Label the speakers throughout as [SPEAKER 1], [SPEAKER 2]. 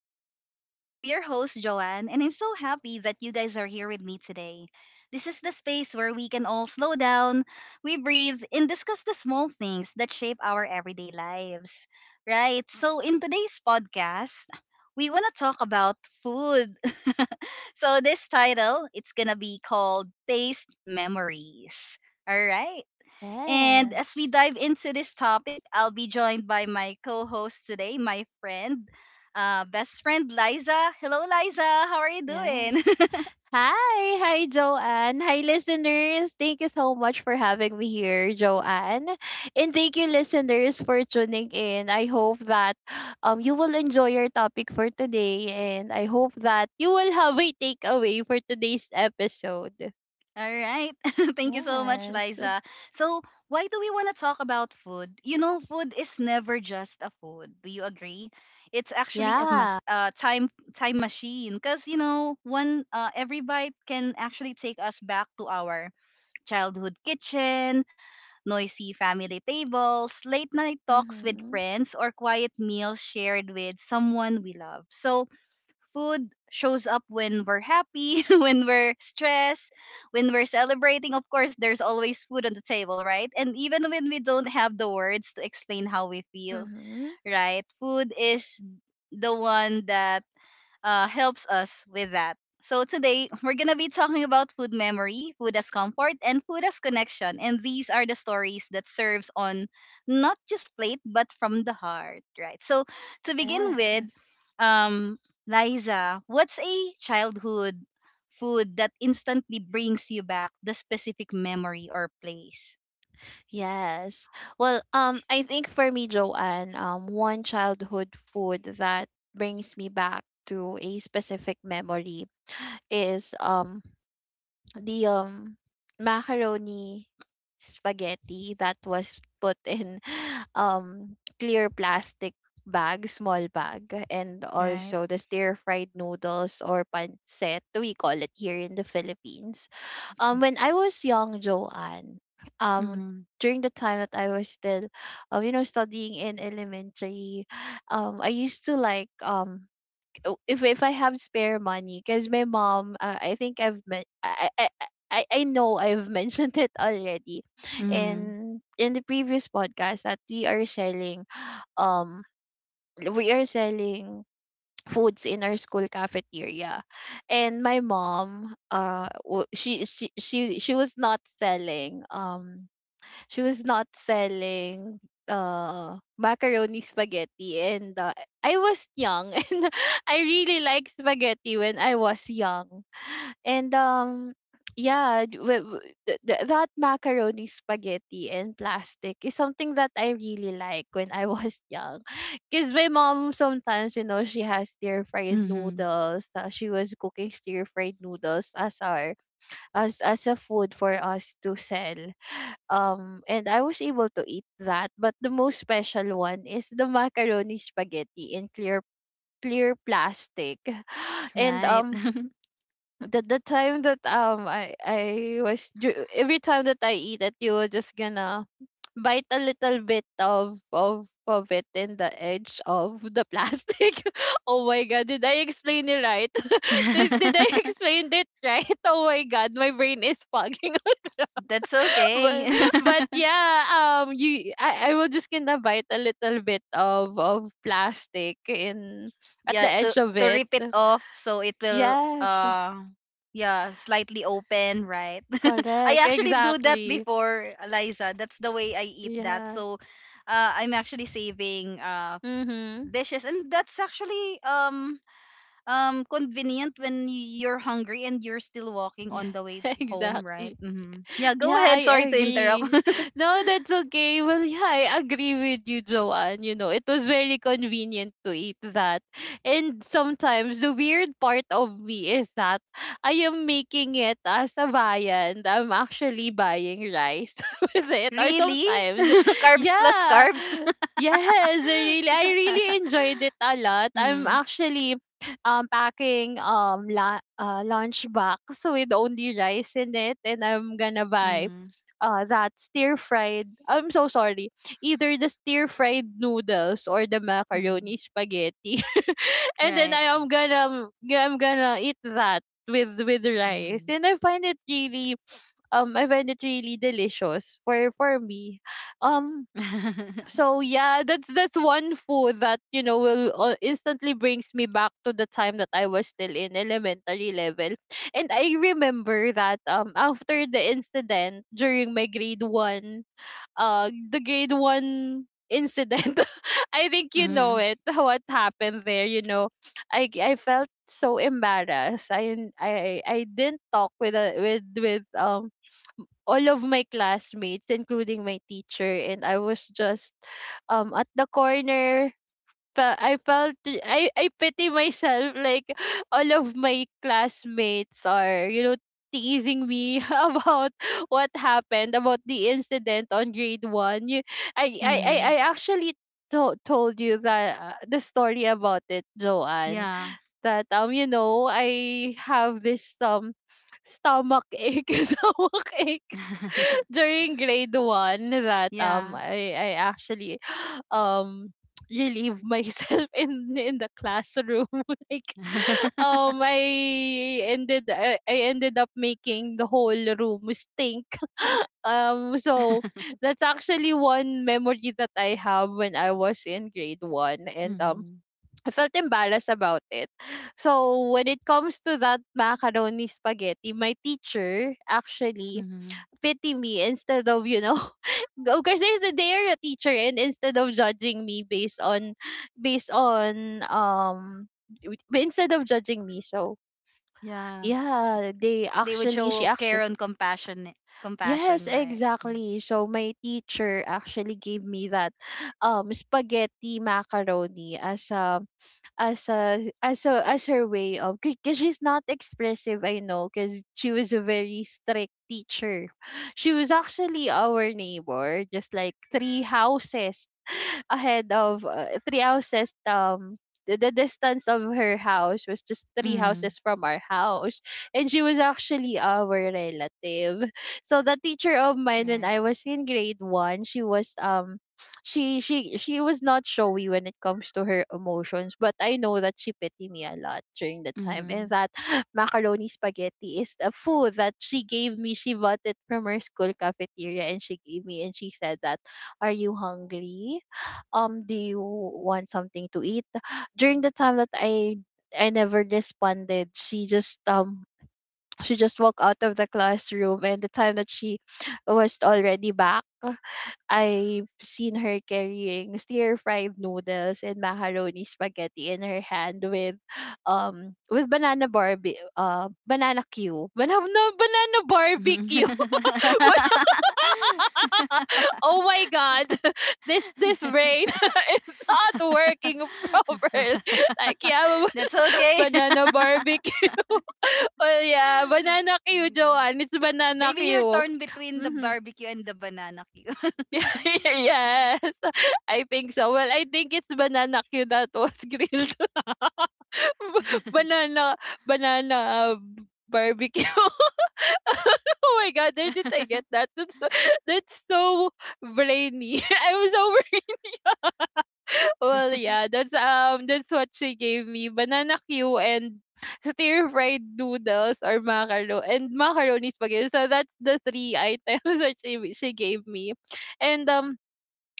[SPEAKER 1] with Joanne. I'm your host, Joanne, and I'm so happy that you guys are here with me today. This is the space where we can all slow down, we breathe, and discuss the small things that shape our everyday lives. Right? So, in today's podcast, we want to talk about food. So, this title, it's going to be called Taste Memories. All right. And as
[SPEAKER 2] Yes.
[SPEAKER 1] we dive into this topic, I'll be joined by my co host today, my friend, best friend Liza. Hello, Liza. How are you doing?
[SPEAKER 2] Yes. Hi. Hi, Joanne. Hi, listeners. Thank you so much for having me here, Joanne. And thank you, listeners, for tuning in. I hope that you will enjoy your topic for today. And I hope that you will have a takeaway for today's episode.
[SPEAKER 1] All right. Thank you so much,
[SPEAKER 2] Yes.
[SPEAKER 1] Liza. So, why do we want to talk about food? You know, food is never just a food. Do you agree? It's actually a
[SPEAKER 2] Yeah.
[SPEAKER 1] time machine because, you know, one every bite can actually take us back to our childhood kitchen, noisy family tables, late night talks with
[SPEAKER 2] Mm-hmm.
[SPEAKER 1] friends, or quiet meals shared with someone we love. So, food shows up when we're happy, when we're stressed, when we're celebrating. Of course, there's always food on the table, right? And even when we don't have the words to explain how we feel,
[SPEAKER 2] Mm-hmm.
[SPEAKER 1] right? Food is the one that helps us with that. So today we're gonna be talking about food memory, food as comfort, and food as connection. And these are the stories that serves on not just plate but from the heart, right? So, to begin with,
[SPEAKER 2] Yes.
[SPEAKER 1] um, Liza, what's a childhood food that instantly brings you back the specific memory or place,
[SPEAKER 2] Yes. I think for me, Joanne, one childhood food that brings me back to a specific memory is the macaroni spaghetti that was put in clear plastic bag, small bag, and
[SPEAKER 1] right?
[SPEAKER 2] also the stir fried noodles, or pancit we call it here in the Philippines, when I was young, Joanne. um,
[SPEAKER 1] Mm,
[SPEAKER 2] during the time that I was still, you know, studying in elementary, I used to like if I have spare money. Because my mom, I think I've met, I know I've mentioned it already,
[SPEAKER 1] mm,
[SPEAKER 2] in the previous podcast, that um, we are selling foods in our school cafeteria. And my mom she was not selling she was not selling macaroni spaghetti. And I was young and I really liked spaghetti when I was young. And yeah, d- w- w- th- th- that macaroni spaghetti and plastic is something that I really like when I was young. Cuz my mom sometimes, you know, she has stir-fried
[SPEAKER 1] mm.
[SPEAKER 2] noodles. She was cooking stir-fried noodles as our as a food for us to sell. And I was able to eat that, but the most special one is the macaroni spaghetti in clear plastic. And
[SPEAKER 1] Right.
[SPEAKER 2] the time that I was every time that I eat it, you were just gonna bite a little bit of of it in the edge of the plastic. Oh my god, did I explain it right? Did I explain it right? Oh my god, my brain is fogging.
[SPEAKER 1] That's okay.
[SPEAKER 2] but but yeah, you I was just gonna bite a little bit of plastic in at the
[SPEAKER 1] Yeah, to
[SPEAKER 2] edge of
[SPEAKER 1] to
[SPEAKER 2] it.
[SPEAKER 1] rip it off so it will,
[SPEAKER 2] Yes,
[SPEAKER 1] yeah, slightly open, right. I
[SPEAKER 2] correct.
[SPEAKER 1] actually do that
[SPEAKER 2] Exactly.
[SPEAKER 1] before, Eliza. That's the way I eat that.
[SPEAKER 2] Yeah.
[SPEAKER 1] So, I'm actually saving
[SPEAKER 2] Mhm.
[SPEAKER 1] dishes, and that's actually convenient when you're hungry and you're still walking
[SPEAKER 2] Yeah,
[SPEAKER 1] on the way home, right.
[SPEAKER 2] exactly.
[SPEAKER 1] Mm-hmm. Yeah, go
[SPEAKER 2] Yeah,
[SPEAKER 1] ahead, sorry
[SPEAKER 2] I
[SPEAKER 1] to interrupt.
[SPEAKER 2] agree. No, that's okay. Well, yeah, I agree with you, Joanne. You know, it was very convenient to eat that. And sometimes the weird part of me is that I am making it as a viand. I'm actually buying rice with it. Or
[SPEAKER 1] Really?
[SPEAKER 2] sometimes,
[SPEAKER 1] Carbs plus
[SPEAKER 2] yeah.
[SPEAKER 1] carbs.
[SPEAKER 2] Yes, really. I really enjoyed it a lot. I'm
[SPEAKER 1] Mm,
[SPEAKER 2] actually packing, la lunch box with only rice in it, and I'm gonna buy
[SPEAKER 1] mm,
[SPEAKER 2] that stir-fried. I'm so sorry. Either the stir-fried noodles or the
[SPEAKER 1] mm.
[SPEAKER 2] macaroni spaghetti, and then
[SPEAKER 1] Right.
[SPEAKER 2] I'm gonna eat that with rice,
[SPEAKER 1] Mhm.
[SPEAKER 2] and I find it really delicious for me. Um, so yeah, that's one food that, you know, will instantly brings me back to the time that I was still in elementary level. And I remember that, after the incident during my grade 1, the grade one incident. I think you know
[SPEAKER 1] Mhm.
[SPEAKER 2] it. What happened there? You know, I felt so embarrassed. I n- I didn't talk with a, with with all of my classmates, including my teacher, and I was just at the corner, fe- I felt I pity myself, like all of my classmates are, you know, teasing me about what happened, about the incident on grade 1. You, I, I I I
[SPEAKER 1] Mhm.
[SPEAKER 2] actually told you that, the story about it, Joanne,
[SPEAKER 1] Yeah.
[SPEAKER 2] that, um, you know, I have this stomach ache stomach ache during grade one, that, um
[SPEAKER 1] Yeah.
[SPEAKER 2] I I actually um relieve myself in the classroom. Like, um I ended I, I ended up making the whole room stink. So that's actually one memory that I have when I was in grade one, and
[SPEAKER 1] Mhm.
[SPEAKER 2] I felt embarrassed about it. So when it comes to that macaroni spaghetti, my teacher actually
[SPEAKER 1] Mhm.
[SPEAKER 2] pity me instead of, you know, because there's a day are a teacher, and instead of judging me based on based on um instead of judging me. So
[SPEAKER 1] Yeah.
[SPEAKER 2] yeah, they
[SPEAKER 1] They would
[SPEAKER 2] actually she
[SPEAKER 1] show care
[SPEAKER 2] actually.
[SPEAKER 1] and compassion
[SPEAKER 2] Yes,
[SPEAKER 1] compassion, right?
[SPEAKER 2] exactly. So my teacher actually gave me that, spaghetti macaroni, as a as her way, of because she's not expressive, I know, because she was a very strict teacher. She was actually our neighbor, just like three houses ahead of, three houses, the distance of her house was just three
[SPEAKER 1] Mm-hmm.
[SPEAKER 2] houses from our house, and she was actually our relative. So the teacher of mine when
[SPEAKER 1] Right.
[SPEAKER 2] I was in grade one, she was she was not showy when it comes to her emotions. But I know that she pity me a lot during the time, and
[SPEAKER 1] Mhm.
[SPEAKER 2] that macaroni spaghetti is a food that she gave me. She bought it from her school cafeteria and she gave me, and she said that, are you hungry? Do you want something to eat? During the time that I never responded, she just walked out of the classroom. And the time that she was already back, I've seen her carrying stir-fried noodles and macaroni spaghetti in her hand, with banana barbie banana Q. Banana barbecue.
[SPEAKER 1] Mhm.
[SPEAKER 2] Banana- Oh my god. This brain is not working properly. Like yeah,
[SPEAKER 1] That's okay.
[SPEAKER 2] banana barbecue. Well, yeah, banana Q,
[SPEAKER 1] Mm.
[SPEAKER 2] Joanne. It's banana
[SPEAKER 1] Maybe you're
[SPEAKER 2] Q.
[SPEAKER 1] torn between the
[SPEAKER 2] Mhm.
[SPEAKER 1] barbecue and the banana queue.
[SPEAKER 2] Yes, I think so. Well, I think it's banana Q that was grilled. banana, banana barbecue. Oh my god, where did I get that? That's that's so brainy. I was over. Well, yeah, that's, that's what she gave me. Banana Q and stir fried noodles, or macaroni and macaroni spaghetti. So that's the three items that she gave me, and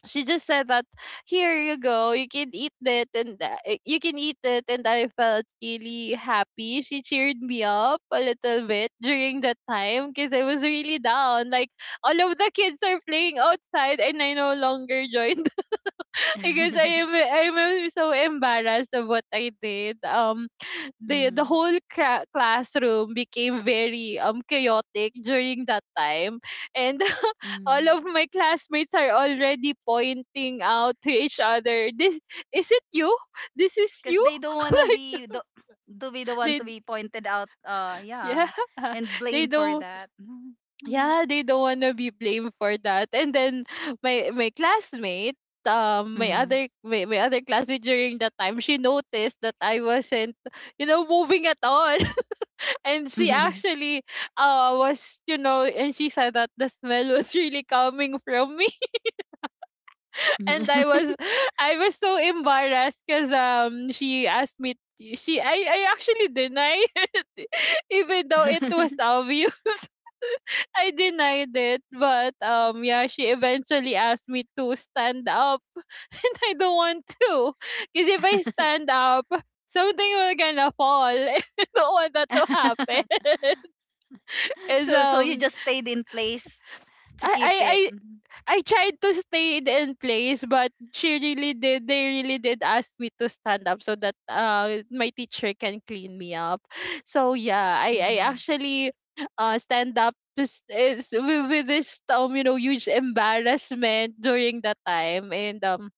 [SPEAKER 2] she just said that, here you go, you can eat that, and you can eat it. And I felt really happy, she cheered me up a little bit during that time, because I was really down. Like all of the kids are playing outside, and I no longer joined. Because I am so embarrassed of what I did. The the
[SPEAKER 1] Mm.
[SPEAKER 2] whole classroom became very chaotic during that time, and all
[SPEAKER 1] Mm.
[SPEAKER 2] of my classmates are already pointing out to each other, this is it, you, this is
[SPEAKER 1] Because
[SPEAKER 2] you.
[SPEAKER 1] they don't wanna
[SPEAKER 2] Like
[SPEAKER 1] be to be the one
[SPEAKER 2] they
[SPEAKER 1] to be pointed out. Yeah,
[SPEAKER 2] yeah
[SPEAKER 1] and
[SPEAKER 2] they
[SPEAKER 1] blamed for
[SPEAKER 2] don't
[SPEAKER 1] that. Mm.
[SPEAKER 2] yeah they don't want to be blamed for that. And then my classmate, my other classmate during that time, she noticed that I wasn't, you know, moving at all. And
[SPEAKER 1] Mm,
[SPEAKER 2] she
[SPEAKER 1] mm.
[SPEAKER 2] actually was, you know, and she said that the smell was really coming from me. And I was so embarrassed, because she asked me, she I actually denied, it, even though it was obvious. I denied it, but yeah, she eventually asked me to stand up. And I don't want to, because if I stand up, something will gonna fall. I don't want that to happen, because
[SPEAKER 1] So you just stayed in place to keep it.
[SPEAKER 2] I, I
[SPEAKER 1] Mhm.
[SPEAKER 2] I tried to stay in place, but she really did. They really did ask me to stand up so that my teacher can clean me up. So yeah, I
[SPEAKER 1] Mhm.
[SPEAKER 2] actually stand up is with, this, you know, huge embarrassment during that time. And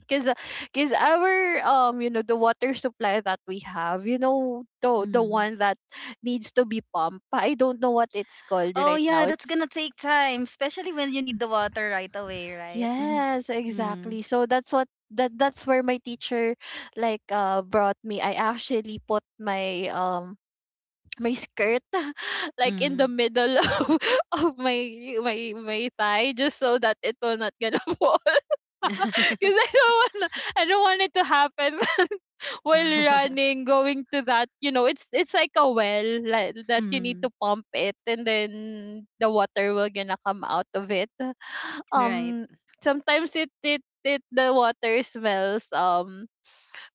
[SPEAKER 2] because because our, you know, the water supply that we have, you know, the
[SPEAKER 1] Mhm.
[SPEAKER 2] one that needs to be pumped, I don't know what it's called
[SPEAKER 1] Oh
[SPEAKER 2] right
[SPEAKER 1] yeah,
[SPEAKER 2] now,
[SPEAKER 1] that's
[SPEAKER 2] it's.
[SPEAKER 1] gonna take time, especially when you need the water right away, right?
[SPEAKER 2] Yes,
[SPEAKER 1] Mhm.
[SPEAKER 2] exactly. So that's what that's where my teacher, like, brought me. I actually put my my skirt like in the
[SPEAKER 1] Mm.
[SPEAKER 2] middle of my my thigh, just so that it will not gonna fall.
[SPEAKER 1] Mm.
[SPEAKER 2] Because I don't want, I don't want it to happen, while running, going to that. You know, it's like a well, like, that you need
[SPEAKER 1] Mm.
[SPEAKER 2] to pump it, and then the water will gonna come out of it.
[SPEAKER 1] Right.
[SPEAKER 2] Um sometimes it it it the water smells, um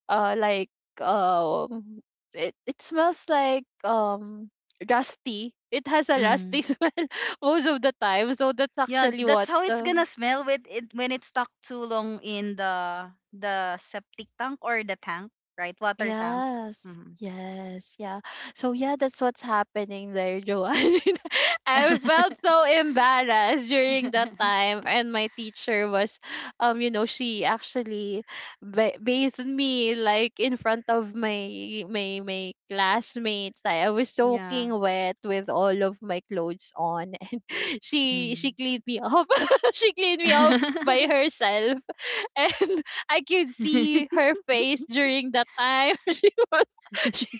[SPEAKER 2] uh like, um it smells like, rusty. It has a rusty
[SPEAKER 1] Mm.
[SPEAKER 2] smell most of the time. So that's
[SPEAKER 1] Yeah,
[SPEAKER 2] actually
[SPEAKER 1] that's
[SPEAKER 2] what
[SPEAKER 1] how it's gonna smell with it when it's stuck too long in the septic tank or the tank, right? Water tank.
[SPEAKER 2] Yes.
[SPEAKER 1] Mm.
[SPEAKER 2] Yes. Yeah. So yeah, that's what's happening there, Joanne. I felt so embarrassed during that time, and my teacher was, you know, she actually bathed me like in front of my my classmates. I was
[SPEAKER 1] Yeah.
[SPEAKER 2] soaking wet with all of my clothes on, and she
[SPEAKER 1] Mm.
[SPEAKER 2] cleaned me up. She cleaned me up by herself, and I could see her face during that time.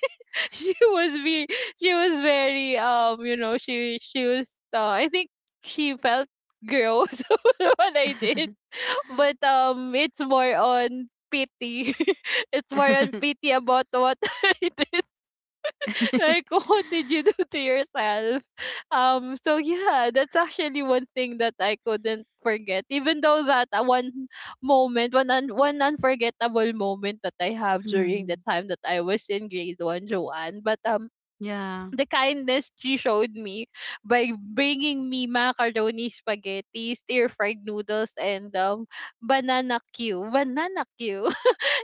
[SPEAKER 2] She was she was be she was very you know she was I think she felt gross what I did, but it's more on pity. It's more on pity about what I did, like what did you do to yourself. Yeah, that's actually one thing that I couldn't forget, even though that one unforgettable moment that I have during the
[SPEAKER 1] Mm.
[SPEAKER 2] time that I was in grade 1, Joanne. But
[SPEAKER 1] Yeah.
[SPEAKER 2] The kindness she showed me by bringing me macaroni, spaghetti, stir fried noodles, and banana Q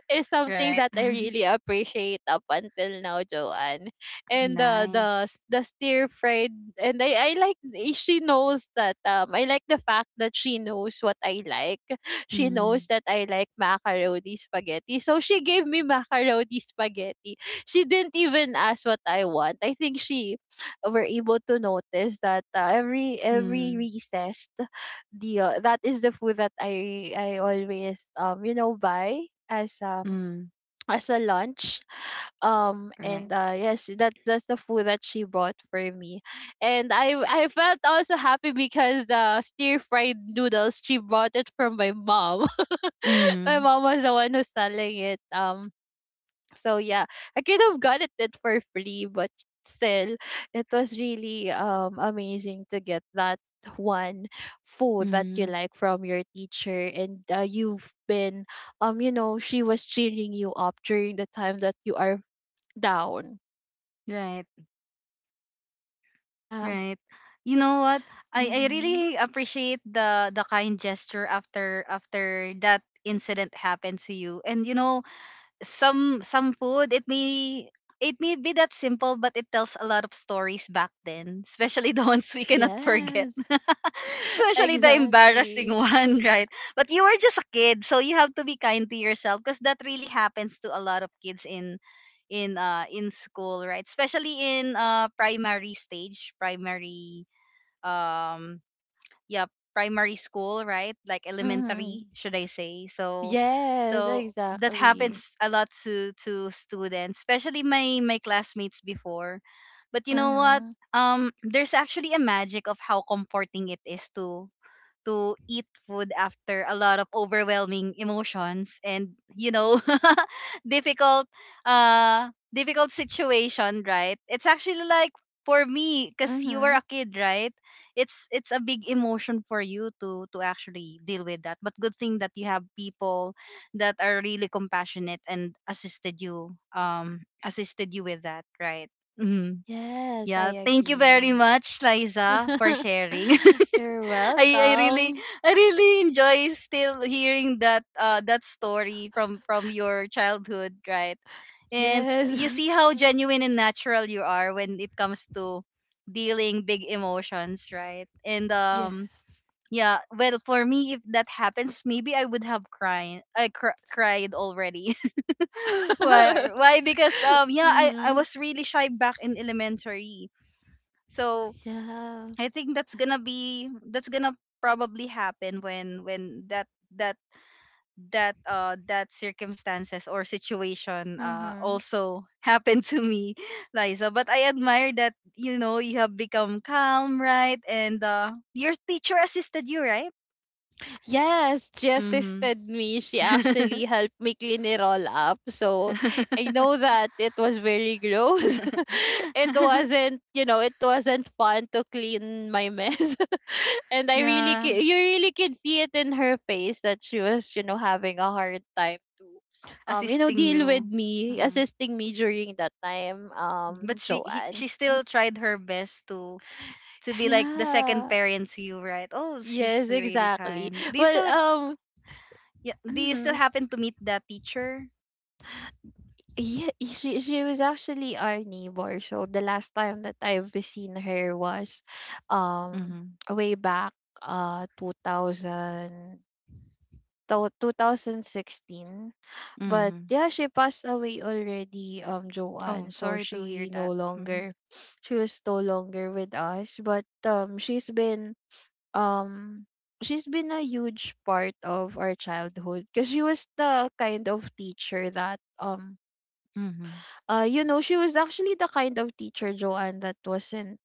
[SPEAKER 2] is something
[SPEAKER 1] Right.
[SPEAKER 2] that I really appreciate up until now, Joanne. And the the s-
[SPEAKER 1] Nice.
[SPEAKER 2] the stir fried, and I like she knows that I like the fact that she knows what I like. She
[SPEAKER 1] Mm,
[SPEAKER 2] knows that I like macaroni spaghetti, so she gave me macaroni spaghetti. She didn't even ask what I want. I think she were able to notice that every
[SPEAKER 1] mm,
[SPEAKER 2] recess the that is the food that I always buy as um
[SPEAKER 1] mm,
[SPEAKER 2] as a lunch. And
[SPEAKER 1] right.
[SPEAKER 2] Yes, that's the food that she brought for me. And I felt also happy because the stir fried noodles, she bought it from my mom. My
[SPEAKER 1] Mm,
[SPEAKER 2] mom was the one who's selling it. Yeah, I could have gotten it for free, but still, it was really amazing to get that one food that you
[SPEAKER 1] mm,
[SPEAKER 2] like from your teacher, and you've been, she was cheering you up during the time that you are down.
[SPEAKER 1] right,
[SPEAKER 2] Yeah.
[SPEAKER 1] right. You know what? I
[SPEAKER 2] Mm-hmm.
[SPEAKER 1] really appreciate the kind gesture after that incident happened to you. And, you know, some food, it may be that simple, but it tells a lot of stories back then, especially the ones we cannot forget,
[SPEAKER 2] Yes.
[SPEAKER 1] especially the embarrassing
[SPEAKER 2] Exactly.
[SPEAKER 1] one, right. But you were just a kid, so you have to be kind to yourself, because that really happens to a lot of kids in school right, especially in, primary stage, primary, um yeah, primary school, right, like
[SPEAKER 2] Mm-hmm.
[SPEAKER 1] elementary, should I say. So
[SPEAKER 2] Yes,
[SPEAKER 1] so that
[SPEAKER 2] exactly.
[SPEAKER 1] happens a lot to students, especially my classmates before. But, you know what,
[SPEAKER 2] Mm-hmm.
[SPEAKER 1] there's actually a magic of how comforting it is to eat food after a lot of overwhelming emotions, and, you know difficult uh difficult situation, right. It's actually like, for me, because you were
[SPEAKER 2] Mm-hmm.
[SPEAKER 1] a kid, right? It's a big emotion for you to actually deal with that, but good thing that you have people that are really compassionate and assisted you, um assisted you with that, right. Hmm.
[SPEAKER 2] Yes, I
[SPEAKER 1] Yeah, thank you very
[SPEAKER 2] agree.
[SPEAKER 1] much, Liza, for sharing.
[SPEAKER 2] You're
[SPEAKER 1] I I really
[SPEAKER 2] welcome.
[SPEAKER 1] I really enjoy still hearing that, that story from your childhood, right? And
[SPEAKER 2] Yes.
[SPEAKER 1] you see how genuine and natural you are when it comes to dealing big emotions, right? And,
[SPEAKER 2] Yes.
[SPEAKER 1] yeah, well, for me if that happens, maybe I would have cried, I cried already. why why Because, yeah, I
[SPEAKER 2] Hmm.
[SPEAKER 1] was really shy back in elementary. So
[SPEAKER 2] Yeah.
[SPEAKER 1] I think that's gonna probably happen when that that circumstances or situation,
[SPEAKER 2] Mm-hmm.
[SPEAKER 1] also happened to me, Liza. But I admire that, you know, you have become calm, right? And, your teacher assisted you, right?
[SPEAKER 2] Yes, she
[SPEAKER 1] Mm-hmm.
[SPEAKER 2] assisted me. She actually helped me clean it all up. So I know that it was very gross. It wasn't, you know, it wasn't fun to clean my mess. And I really,
[SPEAKER 1] Yeah,
[SPEAKER 2] c- you really could see it in her face that she was, you know, having a hard time to,
[SPEAKER 1] assisting
[SPEAKER 2] deal with
[SPEAKER 1] you.
[SPEAKER 2] me,
[SPEAKER 1] Mm.
[SPEAKER 2] assisting me during that time,
[SPEAKER 1] But
[SPEAKER 2] Joanne.
[SPEAKER 1] she still tried her best to be like the second
[SPEAKER 2] Yeah.
[SPEAKER 1] parent to you, right? Oh, she's
[SPEAKER 2] Yes,
[SPEAKER 1] really
[SPEAKER 2] exactly.
[SPEAKER 1] kind. Do you
[SPEAKER 2] Well,
[SPEAKER 1] still
[SPEAKER 2] um,
[SPEAKER 1] Yeah, do you still
[SPEAKER 2] mhm.
[SPEAKER 1] happen to meet that teacher?
[SPEAKER 2] Yeah, she was actually our neighbor. So the last time that I've seen her was, um,
[SPEAKER 1] Mhm.
[SPEAKER 2] way back, 2000, to- 2016. But
[SPEAKER 1] Mhm.
[SPEAKER 2] yeah, she passed away already,
[SPEAKER 1] Oh,
[SPEAKER 2] Joanne. So
[SPEAKER 1] sorry to hear
[SPEAKER 2] she no
[SPEAKER 1] that. Hmm.
[SPEAKER 2] longer, she was no longer with us. But She's been, um, she's been a huge part of our childhood, because she was the kind of teacher that,
[SPEAKER 1] Mhm.
[SPEAKER 2] you know, she was actually the kind of teacher, Joanne, that wasn't,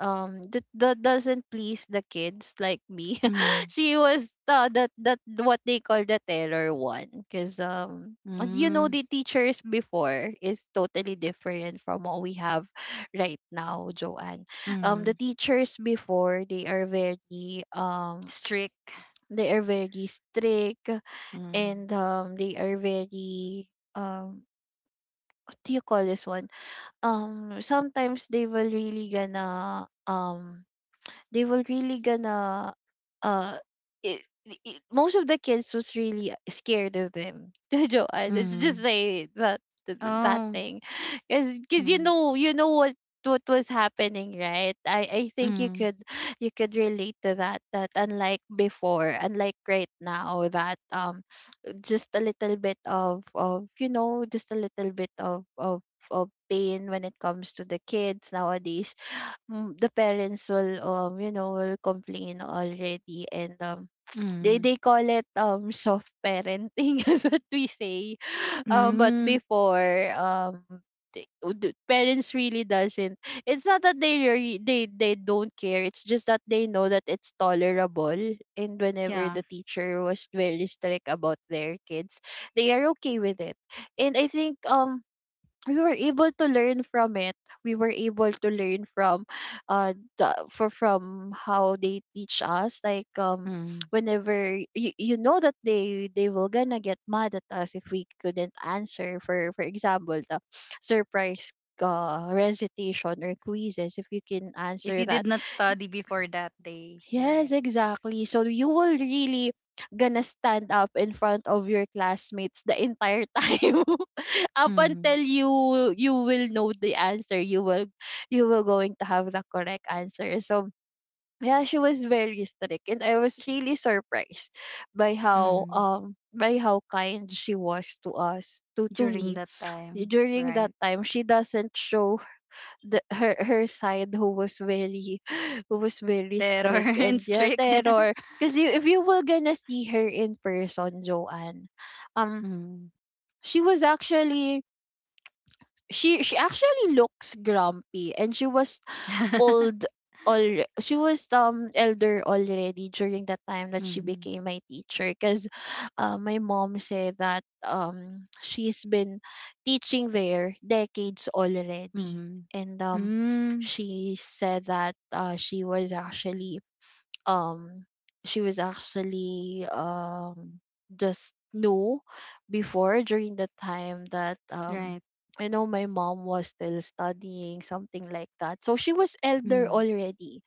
[SPEAKER 2] that that doesn't please the kids like me.
[SPEAKER 1] Mhm.
[SPEAKER 2] She was the, that that what they call the terror one, because and you know
[SPEAKER 1] Mhm.
[SPEAKER 2] the teachers before is totally different from what we have right now, Joanne. The
[SPEAKER 1] Mhm.
[SPEAKER 2] teachers before,
[SPEAKER 1] Strict.
[SPEAKER 2] they are very strict,
[SPEAKER 1] Mhm.
[SPEAKER 2] and they are very, um what do you call this one, sometimes they will really gonna, they will really gonna uh it, most of the kids was really scared of them. Joanne, let just
[SPEAKER 1] Mhm.
[SPEAKER 2] say that that
[SPEAKER 1] Oh.
[SPEAKER 2] thing, because you
[SPEAKER 1] Mhm.
[SPEAKER 2] know, you know what was happening, right? I think you
[SPEAKER 1] Mhm.
[SPEAKER 2] could, you could relate to that, that unlike before, unlike right now, that just a little bit of just a little bit of of pain when it comes to the kids nowadays. Mm, the parents will, will complain already, and um they
[SPEAKER 1] Mhm.
[SPEAKER 2] they call it soft parenting is what we say. But
[SPEAKER 1] Mhm.
[SPEAKER 2] Before, they- the parents really doesn't, it's not that they they don't care, it's just that they know that it's tolerable, and whenever
[SPEAKER 1] Yeah.
[SPEAKER 2] the teacher was very strict about their kids, they are okay with it. And I think we were able to learn from it. We were able to learn from the, for from how they teach us, like
[SPEAKER 1] Mhm.
[SPEAKER 2] whenever you, you know that they will gonna get mad at us if we couldn't answer for example, the surprise recitation or quizzes, if you can
[SPEAKER 1] If
[SPEAKER 2] answer
[SPEAKER 1] you
[SPEAKER 2] that.
[SPEAKER 1] did not study before that day, right?
[SPEAKER 2] Yes, exactly. So you will really gonna stand up in front of your classmates the entire time, up
[SPEAKER 1] Mhm.
[SPEAKER 2] until you will know the answer. You will, you will going to have the correct answer. So yeah, she was very strict, and I was really surprised by how,
[SPEAKER 1] Mhm.
[SPEAKER 2] kind she was to us, to
[SPEAKER 1] During
[SPEAKER 2] me.
[SPEAKER 1] that time,
[SPEAKER 2] During
[SPEAKER 1] right?
[SPEAKER 2] that time, she doesn't show the her her side who was very who was very
[SPEAKER 1] Terror
[SPEAKER 2] strict
[SPEAKER 1] and
[SPEAKER 2] and yeah
[SPEAKER 1] strict.
[SPEAKER 2] terror, because you, if you were gonna see her in person, Joanne, um
[SPEAKER 1] Mm.
[SPEAKER 2] she was actually, she actually looks grumpy, and she was old, al she was elder already during the time that she
[SPEAKER 1] Mhm.
[SPEAKER 2] became my teacher. Because my mom said that she's been teaching there decades already,
[SPEAKER 1] Mhm.
[SPEAKER 2] and
[SPEAKER 1] Mm.
[SPEAKER 2] she said that she was actually, um she was actually um just knew before during the time that
[SPEAKER 1] Right.
[SPEAKER 2] I know my mom was still studying, something like that. So she was elder
[SPEAKER 1] Mm.
[SPEAKER 2] already.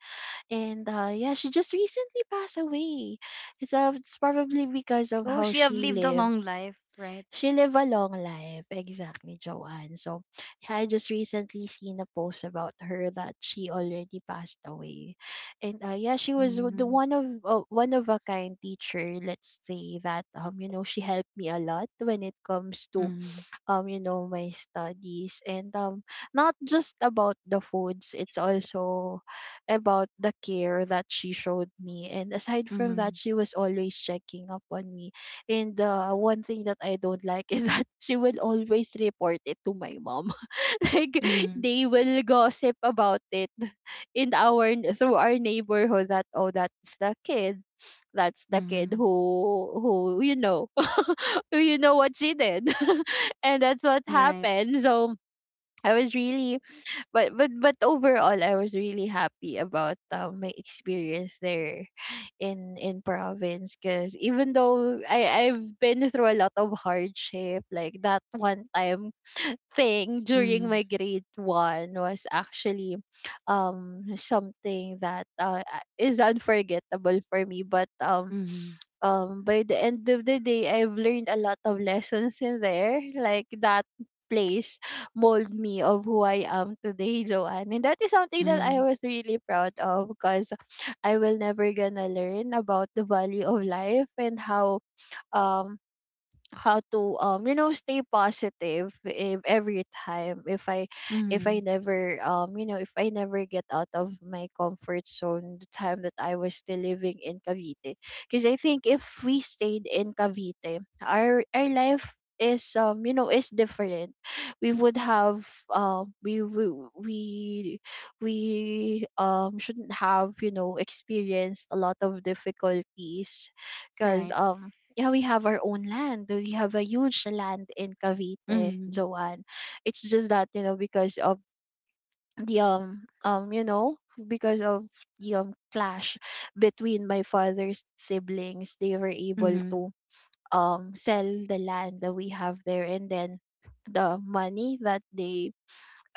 [SPEAKER 2] And yeah, she just recently passed away. It's probably because of
[SPEAKER 1] Oh,
[SPEAKER 2] how
[SPEAKER 1] she have
[SPEAKER 2] she
[SPEAKER 1] lived a
[SPEAKER 2] lived,
[SPEAKER 1] long life, right?
[SPEAKER 2] she live a long life, exactly, Joanne. So I just recently seen a post about her that she already passed away, and yeah, she was the
[SPEAKER 1] Mhm.
[SPEAKER 2] one of, one of a kind teacher. Let's say that, you know, she helped me a lot when it comes to
[SPEAKER 1] Mhm.
[SPEAKER 2] you know my studies, and not just about the foods, it's also about the care that she showed me. And aside from
[SPEAKER 1] Mhm.
[SPEAKER 2] that, she was always checking up on me, and one thing that I don't like is that she will always report it to my mom, like
[SPEAKER 1] Mhm.
[SPEAKER 2] they will gossip about it in our, through our neighborhood, that oh, that's the kid, that's the kid
[SPEAKER 1] Mhm.
[SPEAKER 2] who you know, who you know what she did. And that's what
[SPEAKER 1] Right.
[SPEAKER 2] happened. So I was really, but overall I was really happy about, my experience there in province, because even though I've been through a lot of hardship, like that one time thing during
[SPEAKER 1] Mhm.
[SPEAKER 2] my grade one was actually something that, is unforgettable for me. But
[SPEAKER 1] Mhm.
[SPEAKER 2] By the end of the day, I've learned a lot of lessons in there, like that place mold me of who I am today, Joanne. And that is something that
[SPEAKER 1] Mhm.
[SPEAKER 2] I was really proud of, because I will never gonna learn about the value of life and how, um to, stay positive, if every time, if I, if
[SPEAKER 1] Mhm.
[SPEAKER 2] I never, if I never get out of my comfort zone, the time that I was still living in Cavite. Because I think if we stayed in Cavite, our life is, is different. We would have, we, we shouldn't have, you know, experienced a lot of difficulties,
[SPEAKER 1] Right.
[SPEAKER 2] because yeah, we have our own land. We have a huge land in Cavite,
[SPEAKER 1] Mhm.
[SPEAKER 2] Joanne. It's just that, you know, because of the, you know, because of the clash between my father's siblings, they were able
[SPEAKER 1] Mhm.
[SPEAKER 2] to sell the land that we have there. And then the money that they,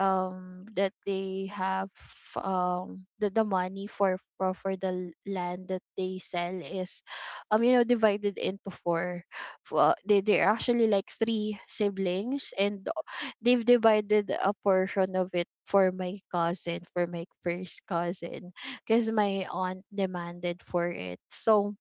[SPEAKER 2] that they have the money for, for the land that they sell is, you know, divided into four. They're actually like three siblings, and they've divided a portion of it for my cousin, for my first cousin, because my aunt demanded for it. So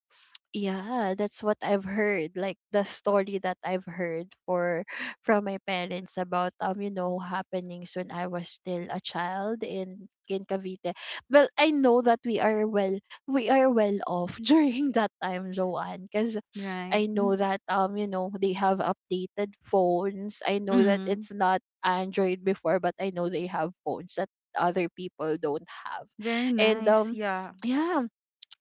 [SPEAKER 2] yeah, that's what I've heard, like the story that I've heard for, from my parents about, you know, happenings when I was still a child in Cavite. Well, I know that we are well, we are well off during that time, Joanne, because
[SPEAKER 1] Right.
[SPEAKER 2] I know
[SPEAKER 1] Mm.
[SPEAKER 2] that you know they have updated phones. I know that
[SPEAKER 1] Mhm.
[SPEAKER 2] it's not Android before, but I know they have phones that other people don't have,
[SPEAKER 1] Very
[SPEAKER 2] and
[SPEAKER 1] nice. Yeah.
[SPEAKER 2] yeah,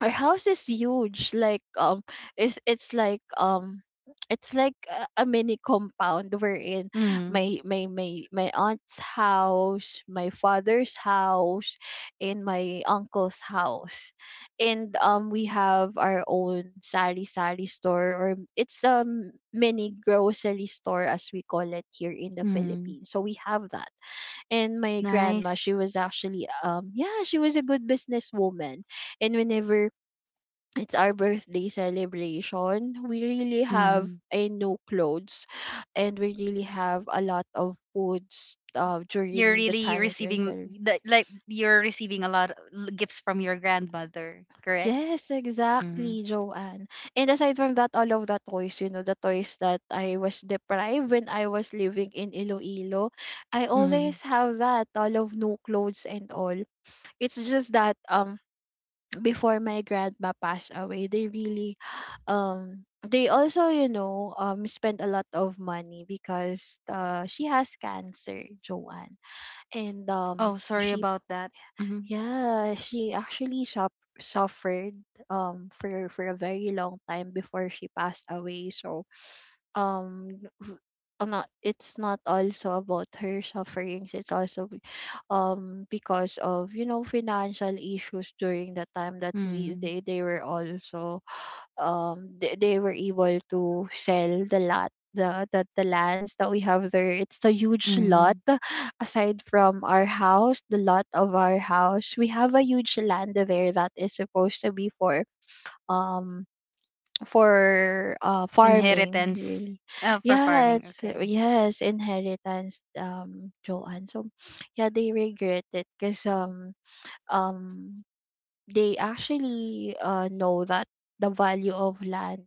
[SPEAKER 2] our house is huge, like it's like it's like a mini compound. We're in
[SPEAKER 1] Mhm.
[SPEAKER 2] my aunt's house, my father's house, and my uncle's house. And we have our own sari sari store, or it's a mini grocery store as we call it here in the
[SPEAKER 1] Mhm.
[SPEAKER 2] Philippines, so we have that. And my grandma,
[SPEAKER 1] Nice.
[SPEAKER 2] she was actually yeah, she was a good businesswoman. And whenever it's our birthday celebration, we really have
[SPEAKER 1] Mhm.
[SPEAKER 2] a new clothes and we really have a lot of foods
[SPEAKER 1] You're
[SPEAKER 2] during the
[SPEAKER 1] really
[SPEAKER 2] time of your
[SPEAKER 1] receiving,
[SPEAKER 2] celebration.
[SPEAKER 1] the like, you're receiving a lot of gifts from your grandmother, correct?
[SPEAKER 2] Yes, exactly, Joanne. And aside from that, all of the toys, you know, the toys that I was deprived when I was living in Iloilo, I
[SPEAKER 1] Mm-hmm.
[SPEAKER 2] always have that, all of new clothes and all. It's just that before my grandma passed away, they really they also spend a lot of money because she has cancer, Joanne. And
[SPEAKER 1] Oh, sorry
[SPEAKER 2] she
[SPEAKER 1] about that. Mm-hmm.
[SPEAKER 2] yeah she actually suffered for a very long time before she passed away. So um w- not it's not also about her sufferings, it's also because of, you know, financial issues during the time that we
[SPEAKER 1] Mm-hmm.
[SPEAKER 2] they were also they were able to sell the lot, the lands that we have there. It's a huge lot
[SPEAKER 1] Mm-hmm.
[SPEAKER 2] aside from our house, the lot of our house. We have a huge land there that is supposed to be um for farming,
[SPEAKER 1] Inheritance,
[SPEAKER 2] really.
[SPEAKER 1] for
[SPEAKER 2] Yeah,
[SPEAKER 1] farming.
[SPEAKER 2] it's
[SPEAKER 1] Okay.
[SPEAKER 2] yes, inheritance, Joanne. So yeah, they regret it because um they actually know that the value of land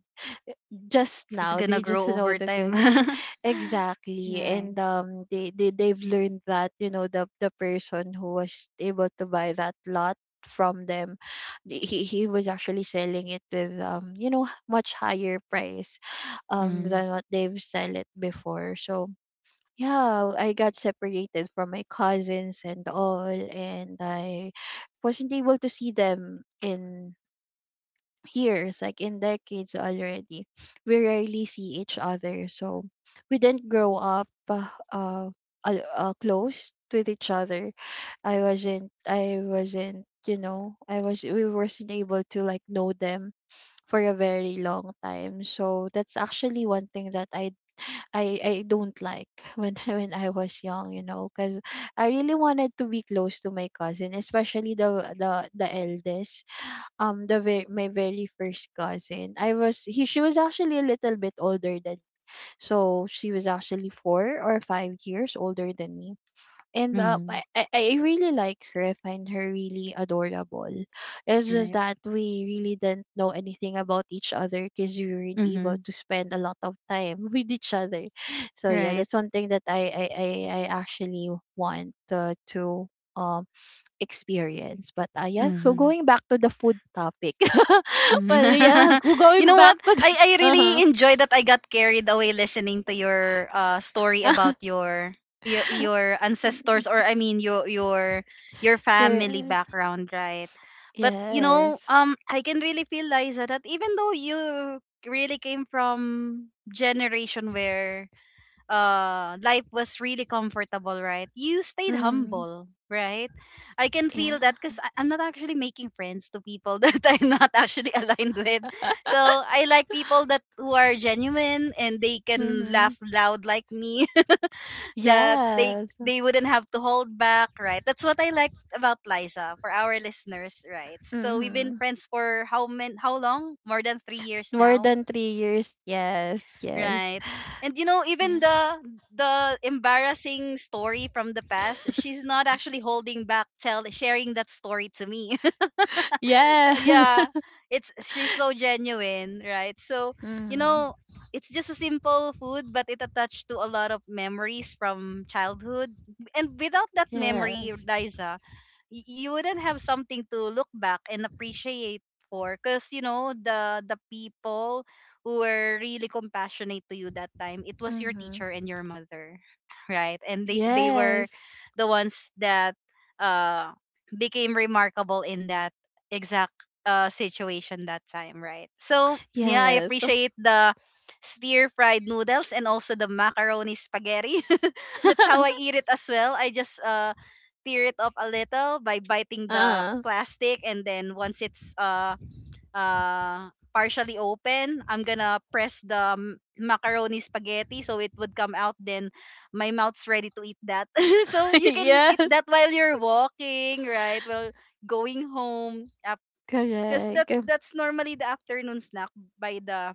[SPEAKER 2] just
[SPEAKER 1] It's
[SPEAKER 2] now, they
[SPEAKER 1] gonna
[SPEAKER 2] just
[SPEAKER 1] grow
[SPEAKER 2] know
[SPEAKER 1] over
[SPEAKER 2] the good.
[SPEAKER 1] time.
[SPEAKER 2] Exactly. And
[SPEAKER 1] Right.
[SPEAKER 2] they've learned that, you know, the person who was able to buy that lot from them, he was actually selling it with you know, much higher price than what they've sell it before. So yeah, I got separated from my cousins and all, and I wasn't able to see them in years, like in decades already. We rarely see each other. So we didn't grow up close with each other. I wasn't, you know, we wasn't able to like know them for a very long time. So that's actually one thing that I don't like when I was young, you know, because I really wanted to be close to my cousin, especially the eldest, the very, my very first cousin. I was he She was actually a little bit older than, so she was actually 4 or 5 years older than me. And
[SPEAKER 1] Mm-hmm.
[SPEAKER 2] I really like her. I find her really adorable. It's just
[SPEAKER 1] Right.
[SPEAKER 2] that we really didn't know anything about each other because we weren't able
[SPEAKER 1] Mm-hmm.
[SPEAKER 2] to spend a lot of time with each other. So yeah,
[SPEAKER 1] Right.
[SPEAKER 2] that's one thing that I actually want to um experience. But yeah, so
[SPEAKER 1] Mm-hmm.
[SPEAKER 2] going back to the food topic. Well, yeah,
[SPEAKER 1] You
[SPEAKER 2] going
[SPEAKER 1] know
[SPEAKER 2] back
[SPEAKER 1] what?
[SPEAKER 2] to the
[SPEAKER 1] I really
[SPEAKER 2] uh-huh.
[SPEAKER 1] enjoy that I got carried away listening to your, story about your
[SPEAKER 2] Mm,
[SPEAKER 1] ancestors, or I mean, your your family
[SPEAKER 2] yeah.
[SPEAKER 1] background, right? But, you know,
[SPEAKER 2] Yes.
[SPEAKER 1] I can really feel, Liza, that even though you really came from generation where life was really comfortable, right, you stayed
[SPEAKER 2] Mm,
[SPEAKER 1] humble, right. I can feel that,
[SPEAKER 2] yeah.
[SPEAKER 1] because I'm not actually making friends to people that I'm not actually aligned with. So I like people that who are genuine and they can
[SPEAKER 2] Mm-hmm.
[SPEAKER 1] laugh loud like me, that they
[SPEAKER 2] Yes.
[SPEAKER 1] they wouldn't have to hold back, right. That's what I liked about Liza, for our listeners, right. So we've been
[SPEAKER 2] Mm-hmm.
[SPEAKER 1] friends for how long, more than 3 years
[SPEAKER 2] More
[SPEAKER 1] now.
[SPEAKER 2] than 3 years. Yes. Yes.
[SPEAKER 1] Right. And, you know, even
[SPEAKER 2] Yeah.
[SPEAKER 1] the embarrassing story from the past, she's not actually holding back tell sharing that story to me.
[SPEAKER 2] Yes.
[SPEAKER 1] Yeah. It's She's so genuine, right? So, you
[SPEAKER 2] Mm-hmm.
[SPEAKER 1] know, it's just a simple food, but it attached to a lot of memories from childhood. And without that memory,
[SPEAKER 2] Yes.
[SPEAKER 1] Liza, you wouldn't have something to look back and appreciate for, because, you know, the people who were really compassionate to you that time, it was your
[SPEAKER 2] Mm-hmm.
[SPEAKER 1] teacher and your mother, right. And they were
[SPEAKER 2] Yes.
[SPEAKER 1] the ones that uh became remarkable in that exact situation that time, right. So yeah, I
[SPEAKER 2] Yes.
[SPEAKER 1] appreciate the stir fried noodles and also the macaroni spaghetti. That's how I eat it as well. I just tear it up a little by biting the
[SPEAKER 2] uh,
[SPEAKER 1] plastic, and then once it's uh partially open, I'm gonna press the macaroni spaghetti so it would come out, then my mouth's ready to eat that. So you can eat
[SPEAKER 2] yes.
[SPEAKER 1] that while you're walking, right, well, going home, because that's
[SPEAKER 2] Correct.
[SPEAKER 1] that's normally the afternoon snack by the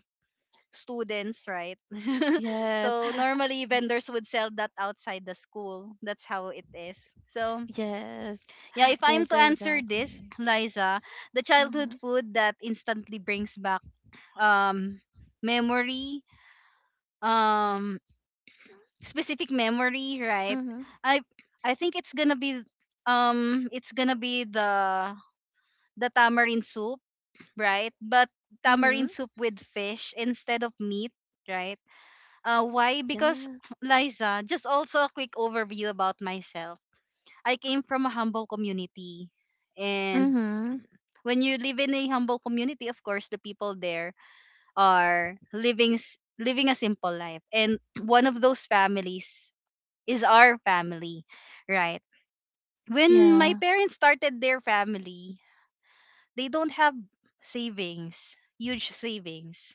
[SPEAKER 1] students, right.
[SPEAKER 2] Yes.
[SPEAKER 1] So normally
[SPEAKER 2] Yeah.
[SPEAKER 1] vendors would sell that outside the school, that's how it is. So
[SPEAKER 2] Yes.
[SPEAKER 1] yeah, if I'm
[SPEAKER 2] Yes,
[SPEAKER 1] to answer this,
[SPEAKER 2] exactly.
[SPEAKER 1] Liza, the childhood
[SPEAKER 2] Mm-hmm.
[SPEAKER 1] food that instantly brings back, um memory, um specific memory, right?
[SPEAKER 2] Mm-hmm.
[SPEAKER 1] I I think it's gonna be the tamarind soup, right? But tamarind
[SPEAKER 2] Mm-hmm.
[SPEAKER 1] soup with fish instead of meat, right? Why? Because
[SPEAKER 2] Yeah.
[SPEAKER 1] Liza, just also a quick overview about myself. I came from a humble community, and
[SPEAKER 2] Mm-hmm.
[SPEAKER 1] when you live in a humble community, of course the people there are living living a simple life, and one of those families is our family, right. When my
[SPEAKER 2] Yeah.
[SPEAKER 1] parents started their family, they don't have savings huge savings,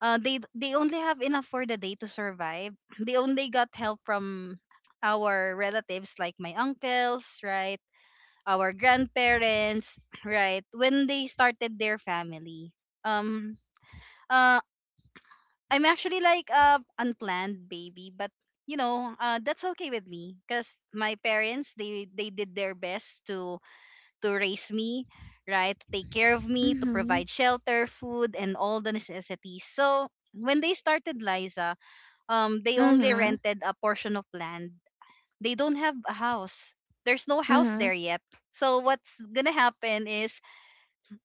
[SPEAKER 1] they only have enough for the day to survive. They only got help from our relatives like my uncles, right, our grandparents, right? When they started their family. Um uh I'm actually like a unplanned baby, but, you know, that's okay with me cuz my parents, they did their best to raise me, right? To take care of me, to
[SPEAKER 2] Mm-hmm.
[SPEAKER 1] provide shelter, food and all the necessities. So, when they started, Liza, they only
[SPEAKER 2] Mm-hmm.
[SPEAKER 1] rented a portion of land. They don't have a house. There's no house
[SPEAKER 2] Mm-hmm.
[SPEAKER 1] there yet. So what's gonna happen is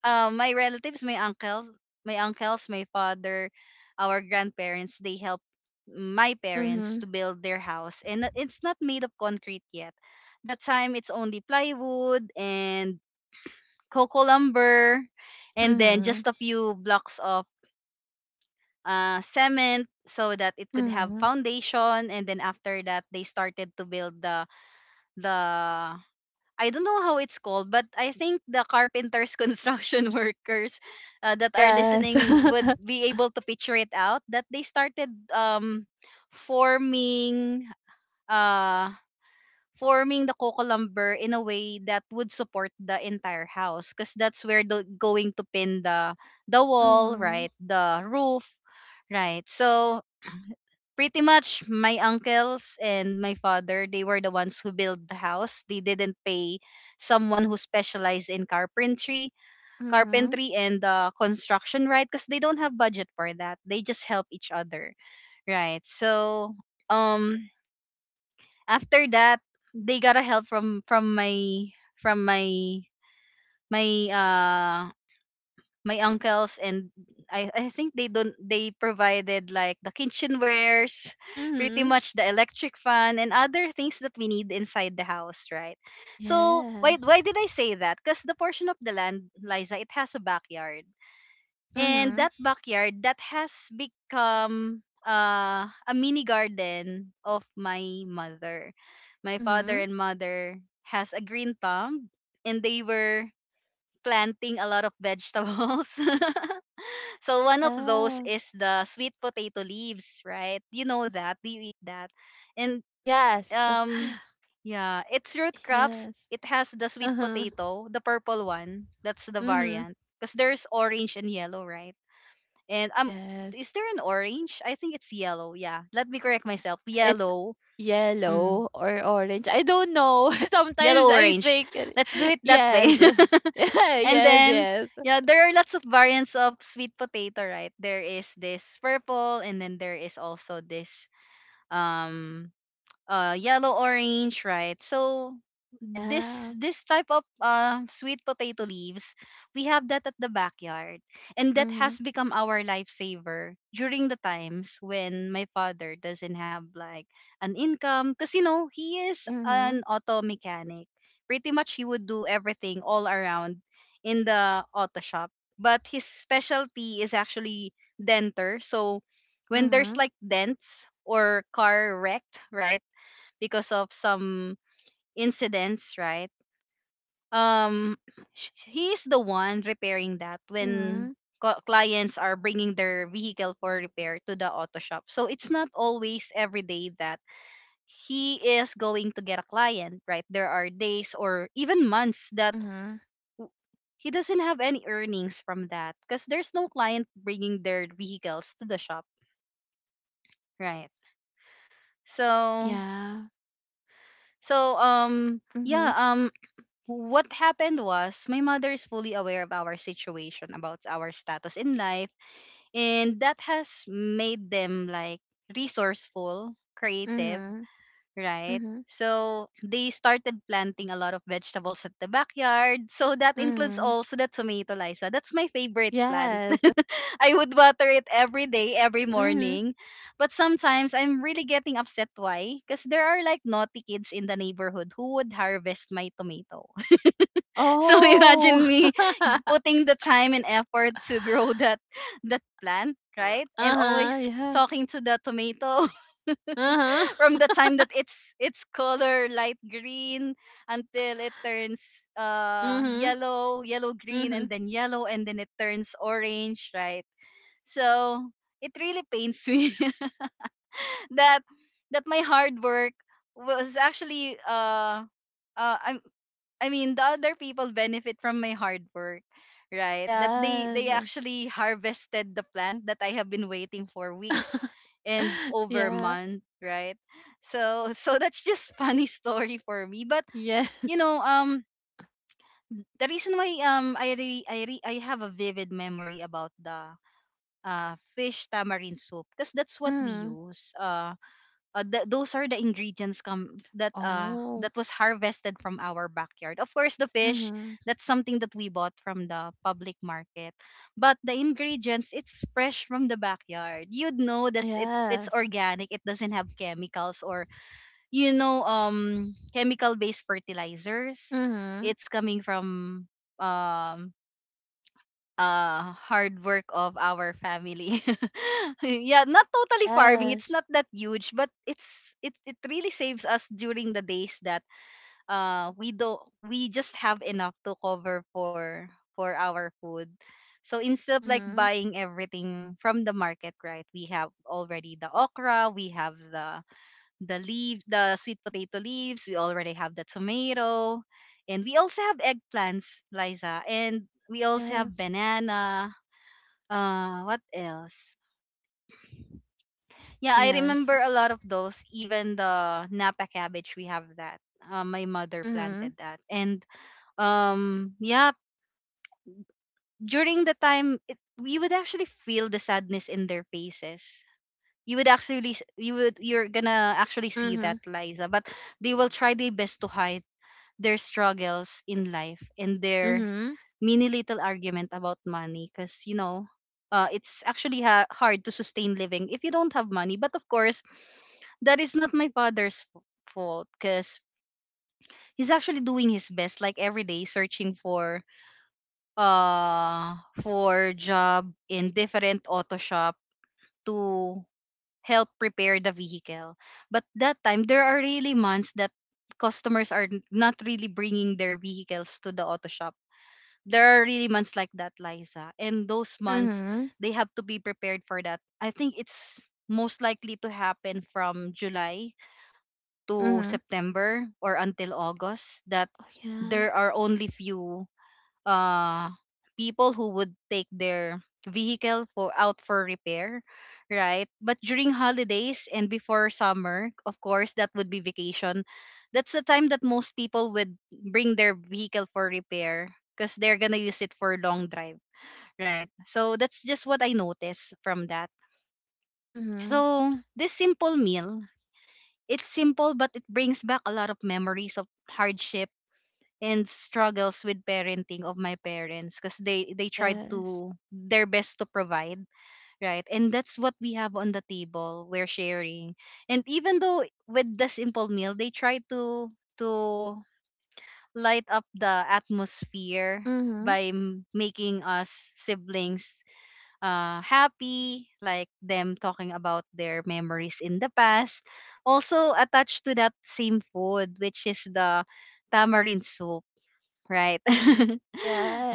[SPEAKER 1] my relatives, my uncles, my uncles, my father, our grandparents, they helped my parents
[SPEAKER 2] Mm-hmm.
[SPEAKER 1] to build their house, and no- it's not made of concrete yet. That time, it's only plywood and coco lumber, and then
[SPEAKER 2] Mm-hmm.
[SPEAKER 1] just a few blocks of cement so that it could have
[SPEAKER 2] Mm-hmm.
[SPEAKER 1] foundation. And then after that, they started to build the I don't know how it's called, but I think the carpenters, construction workers that are
[SPEAKER 2] Yes.
[SPEAKER 1] listening would be able to picture it out that they started forming uh, forming the coco lumber in a way that would support the entire house because that's where they're going to pin the wall,
[SPEAKER 2] Mm-hmm.
[SPEAKER 1] right? The roof, right? So pretty much my uncles and my father they were the ones who built the house, they didn't pay someone who specialized in carpentry,
[SPEAKER 2] Mm-hmm.
[SPEAKER 1] carpentry and construction, right? Because they don't have budget for that, they just help each other, right? So um after that they got a help from from my from my my uh my uncles, and I think they don't, they provided like the kitchenwares, pretty
[SPEAKER 2] Mm-hmm.
[SPEAKER 1] much the electric fan and other things that we need inside the house, right? So why
[SPEAKER 2] Yes.
[SPEAKER 1] why did I say that? Because the portion of the land, Liza, it has a backyard. And
[SPEAKER 2] Mm-hmm.
[SPEAKER 1] that backyard that has become a mini garden of my mother. My father
[SPEAKER 2] Mm-hmm.
[SPEAKER 1] and mother has a green thumb and they were planting a lot of vegetables. So one of those
[SPEAKER 2] Yeah.
[SPEAKER 1] is the sweet potato leaves, right? You know that. Do you eat that? And
[SPEAKER 2] Yes.
[SPEAKER 1] um yeah, its root crops,
[SPEAKER 2] Yes.
[SPEAKER 1] it has the sweet
[SPEAKER 2] Uh-huh.
[SPEAKER 1] potato, the purple one. That's the
[SPEAKER 2] Mm-hmm.
[SPEAKER 1] variant. Because there's orange and yellow, right? And
[SPEAKER 2] Yes.
[SPEAKER 1] is there an orange? I think it's yellow. Yeah. Let me correct myself.
[SPEAKER 2] It's
[SPEAKER 1] Yellow. Mm.
[SPEAKER 2] yellow or orange. I don't know. Sometimes
[SPEAKER 1] Yellow
[SPEAKER 2] I
[SPEAKER 1] orange.
[SPEAKER 2] think it-
[SPEAKER 1] Let's do it that way.
[SPEAKER 2] yes.
[SPEAKER 1] And then,
[SPEAKER 2] Yes.
[SPEAKER 1] yeah, there are lots of variants of sweet potato, right? There is this purple, and then there is also this um yellow orange, right? So this
[SPEAKER 2] Yeah.
[SPEAKER 1] this type of sweet potato leaves, we have that at the backyard, and that has
[SPEAKER 2] Mhm.
[SPEAKER 1] become our lifesaver during the times when my father doesn't have like an income, because you know he is
[SPEAKER 2] Mhm.
[SPEAKER 1] an auto mechanic. Pretty much he would do everything all around in the auto shop, but his specialty is actually denter. So when there's
[SPEAKER 2] Mhm.
[SPEAKER 1] like dents or car wrecked, right? Because of some incidents, right? Um, sh- he is the one repairing that when
[SPEAKER 2] Mhm.
[SPEAKER 1] co- clients are bringing their vehicle for repair to the auto shop. So it's not always every day that he is going to get a client, right? There are days or even months that
[SPEAKER 2] Mhm.
[SPEAKER 1] w- he doesn't have any earnings from that because there's no client bringing their vehicles to the shop, right? So,
[SPEAKER 2] Yeah.
[SPEAKER 1] so um, yeah,
[SPEAKER 2] Mhm.
[SPEAKER 1] um, what happened was my mother is fully aware of our situation about our status in life, and that has made them like resourceful, creative,
[SPEAKER 2] Mhm.
[SPEAKER 1] right?
[SPEAKER 2] Mhm.
[SPEAKER 1] So they started planting a lot of vegetables at the backyard. So that includes
[SPEAKER 2] Mhm.
[SPEAKER 1] also the tomato, Liza. That's my favorite plant.
[SPEAKER 2] Yes.
[SPEAKER 1] I would water it every day, every
[SPEAKER 2] Mhm.
[SPEAKER 1] morning, but sometimes I'm really getting upset. Why? Because there are like naughty kids in the neighborhood who would harvest my tomato. So
[SPEAKER 2] Oh.
[SPEAKER 1] imagine me putting the time and effort to grow that that plant, right? And
[SPEAKER 2] Uh-huh.
[SPEAKER 1] always
[SPEAKER 2] Yeah.
[SPEAKER 1] talking to the tomato
[SPEAKER 2] Uh-huh.
[SPEAKER 1] from the time that it's color light green until it turns
[SPEAKER 2] Mhm.
[SPEAKER 1] yellow, yellow green and
[SPEAKER 2] Mhm.
[SPEAKER 1] then yellow and then it turns orange, right? So it really pains me that that my hard work was actually uh I, I mean, the other people benefit from my hard work, right? That they
[SPEAKER 2] Yes.
[SPEAKER 1] actually harvested the plant that I have been waiting for weeks and over a
[SPEAKER 2] yeah.
[SPEAKER 1] month, right? So so that's just funny story for me. But
[SPEAKER 2] Yeah.
[SPEAKER 1] you know, the reason why I have a vivid memory about the fish tamarind soup because that's what we
[SPEAKER 2] Mhm.
[SPEAKER 1] use. Th- those are the ingredients come that
[SPEAKER 2] Oh.
[SPEAKER 1] that was harvested from our backyard. Of course, the fish,
[SPEAKER 2] Mhm.
[SPEAKER 1] that's something that we bought from the public market, but the ingredients it's fresh from the backyard. You'd know that's it. It's
[SPEAKER 2] Yes.
[SPEAKER 1] organic. It doesn't have chemicals or chemical based fertilizers.
[SPEAKER 2] Mhm.
[SPEAKER 1] It's coming from um hard work of our family. Yeah, not totally farming. It's
[SPEAKER 2] Yes.
[SPEAKER 1] not that huge, but it it really saves us during the days that we don't we just have enough to cover for our food. So instead of like
[SPEAKER 2] Mhm.
[SPEAKER 1] buying everything from the market, right? We have already the okra, we have the leaf, the sweet potato leaves, we already have the tomato, and we also have eggplants, Liza, and we also
[SPEAKER 2] Yeah.
[SPEAKER 1] have banana, what else? Yeah, I
[SPEAKER 2] Yes.
[SPEAKER 1] remember a lot of those. Even the Napa cabbage, we have that. My mother planted
[SPEAKER 2] Mhm.
[SPEAKER 1] that, and yeah, during the time, we would actually feel the sadness in their faces. You would actually, s- you would, you're gonna actually see that,
[SPEAKER 2] Mhm.
[SPEAKER 1] Liza. But they will try their best to hide their struggles in life and their
[SPEAKER 2] Mhm.
[SPEAKER 1] mini little argument about money, because you know, it's actually ha- hard to sustain living if you don't have money. But of course that is not my father's f- fault because he's actually doing his best like every day searching uh for job in different auto shop to help prepare the vehicle. But that time there are really months that customers are n- not really bringing their vehicles to the auto shop. There are really months like that, Liza, and those months
[SPEAKER 2] Mhm.
[SPEAKER 1] they have to be prepared for that. I think it's most likely to happen from July to
[SPEAKER 2] Mhm.
[SPEAKER 1] September or until August, that
[SPEAKER 2] Oh yeah.
[SPEAKER 1] there are only few uh people who would take their vehicle for out for repair, right? But during holidays and before summer, of course that would be vacation, that's the time that most people would bring their vehicle for repair because they're gonna use it for long drive, right? So that's just what I noticed from that.
[SPEAKER 2] Mhm.
[SPEAKER 1] So this simple meal, it's simple, but it brings back a lot of memories of hardship and struggles with parenting of my parents, because they tried
[SPEAKER 2] Yes.
[SPEAKER 1] to their best to provide, right? And that's what we have on the table, we're sharing, and even though with the simple meal, they try to light up the atmosphere
[SPEAKER 2] Mhm.
[SPEAKER 1] by m- making us siblings happy, like them talking about their memories in the past. Also attached to that same food, which is the tamarind soup, right?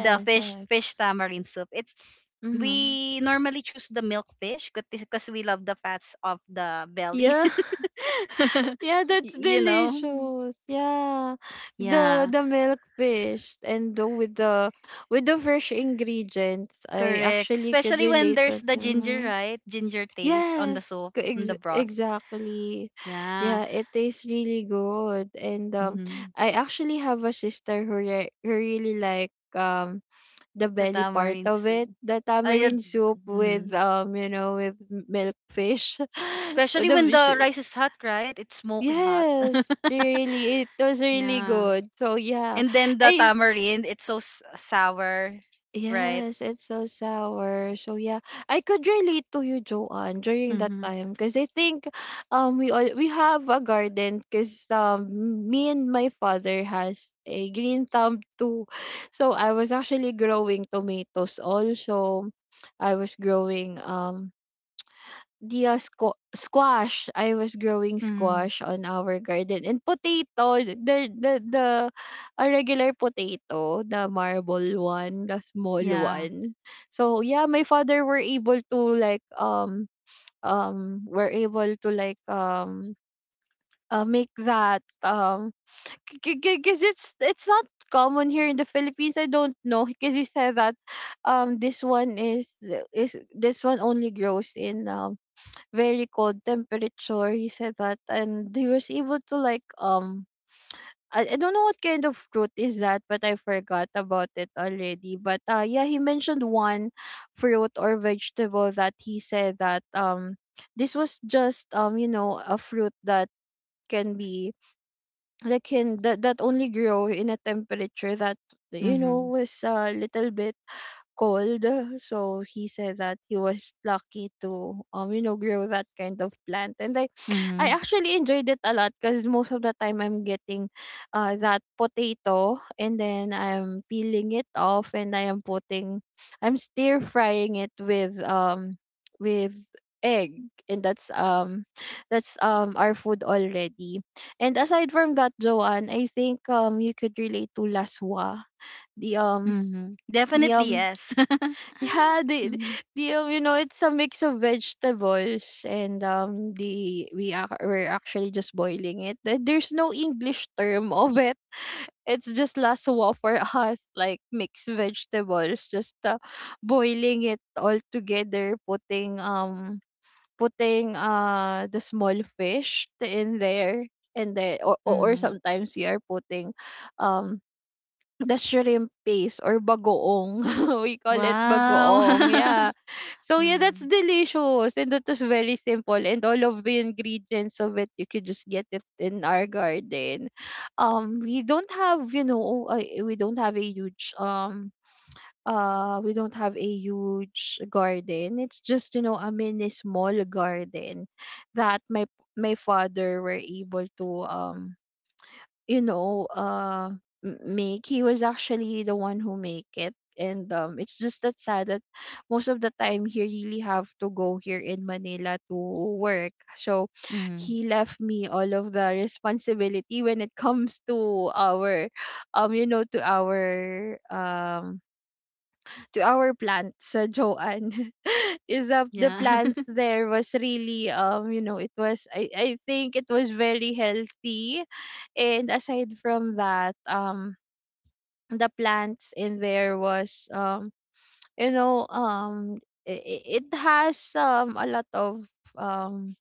[SPEAKER 1] The fish
[SPEAKER 2] I
[SPEAKER 1] fish tamarind soup. It's
[SPEAKER 2] Mhm.
[SPEAKER 1] we normally choose the milk fish because we love the fats of the belly.
[SPEAKER 2] Yeah. Yeah, that's
[SPEAKER 1] Y- you know?
[SPEAKER 2] delicious. Yeah.
[SPEAKER 1] Yeah,
[SPEAKER 2] The milk fish and the, with the with the fresh ingredients. I
[SPEAKER 1] correct.
[SPEAKER 2] actually could
[SPEAKER 1] Especially when
[SPEAKER 2] relate
[SPEAKER 1] there's
[SPEAKER 2] that.
[SPEAKER 1] the ginger,
[SPEAKER 2] Mm-hmm.
[SPEAKER 1] right? Ginger taste on the
[SPEAKER 2] Yes,
[SPEAKER 1] soup,
[SPEAKER 2] co
[SPEAKER 1] on
[SPEAKER 2] ex
[SPEAKER 1] the broth.
[SPEAKER 2] exactly.
[SPEAKER 1] Yeah.
[SPEAKER 2] Yeah, it tastes really good. And
[SPEAKER 1] Mm-hmm.
[SPEAKER 2] I actually have a sister who re who really like the
[SPEAKER 1] The
[SPEAKER 2] belly part
[SPEAKER 1] tamarind
[SPEAKER 2] of
[SPEAKER 1] soup.
[SPEAKER 2] it, the
[SPEAKER 1] Ayun.
[SPEAKER 2] tamarind soup with
[SPEAKER 1] Mhm.
[SPEAKER 2] you know, with milk fish. Oh,
[SPEAKER 1] Especially
[SPEAKER 2] the
[SPEAKER 1] when
[SPEAKER 2] fish.
[SPEAKER 1] the rice is hot, right? It's smoky hot.
[SPEAKER 2] Yes, really it was really
[SPEAKER 1] Yeah.
[SPEAKER 2] good. So yeah,
[SPEAKER 1] And then the
[SPEAKER 2] I
[SPEAKER 1] tamarind, it's so s- sour, right?
[SPEAKER 2] Yes, it's so sour. So yeah, I could relate to you, Joanne, during that
[SPEAKER 1] Mm-hmm.
[SPEAKER 2] time because I think we have a garden because me and my father has a green thumb too. So I was actually growing tomatoes also. I was growing the squash. I was growing
[SPEAKER 1] Hmm.
[SPEAKER 2] squash on our garden, and potato, the a regular potato, the marble one, the small
[SPEAKER 1] Yeah.
[SPEAKER 2] one. So yeah, my father were able to like were able to like make that, because it's not common here in the Philippines. I don't know, because he said that um this one is this one only grows in very cold temperature. He said that, and he was able to like. I don't know what kind of fruit is that, but I forgot about it already. But yeah, he mentioned one fruit or vegetable that he said that this was just you know, a fruit that can be that, that only grow in a temperature that, you know,
[SPEAKER 1] Mm-hmm.
[SPEAKER 2] was a little bit cold. So he said that he was lucky to you know, grow that kind of plant. And I
[SPEAKER 1] Mm-hmm.
[SPEAKER 2] actually enjoyed it a lot because most of the time I'm getting that potato, and then I'm peeling it off and I am putting I'm stir frying it with egg, and that's our food already. And aside from that, Joanne, I think you could relate to laswa, the um
[SPEAKER 1] Mm-hmm.
[SPEAKER 2] the
[SPEAKER 1] Definitely yes.
[SPEAKER 2] yeah,
[SPEAKER 1] Mm-hmm.
[SPEAKER 2] you know, it's a mix of vegetables, and the we're actually just boiling it. There's no English term of it. It's just laswa for us, like mixed vegetables, just boiling it all together, putting the small fish in there, and then or
[SPEAKER 1] Mm-hmm.
[SPEAKER 2] sometimes we are putting um the shrimp paste or bagoong. We call it
[SPEAKER 1] Wow.
[SPEAKER 2] bagoong. Yeah. So yeah, that's
[SPEAKER 1] Mm.
[SPEAKER 2] delicious, and that was very simple, and all of the ingredients of it you could just get it in our garden. We don't have, you know, we don't have a huge we don't have a huge garden. It's just, you know, a mini small garden that my father were able to you know, make. He was actually the one who make it. And it's just that sad that most of the time he really have to go here in Manila to work. So
[SPEAKER 1] Mm-hmm.
[SPEAKER 2] he left me all of the responsibility when it comes to our you know, to our plant sa Joanne. Is of the
[SPEAKER 1] Yeah.
[SPEAKER 2] plants, there was really, you know, it was, I think it was very healthy. And aside from that, the plants in there was, you know, it has a lot of um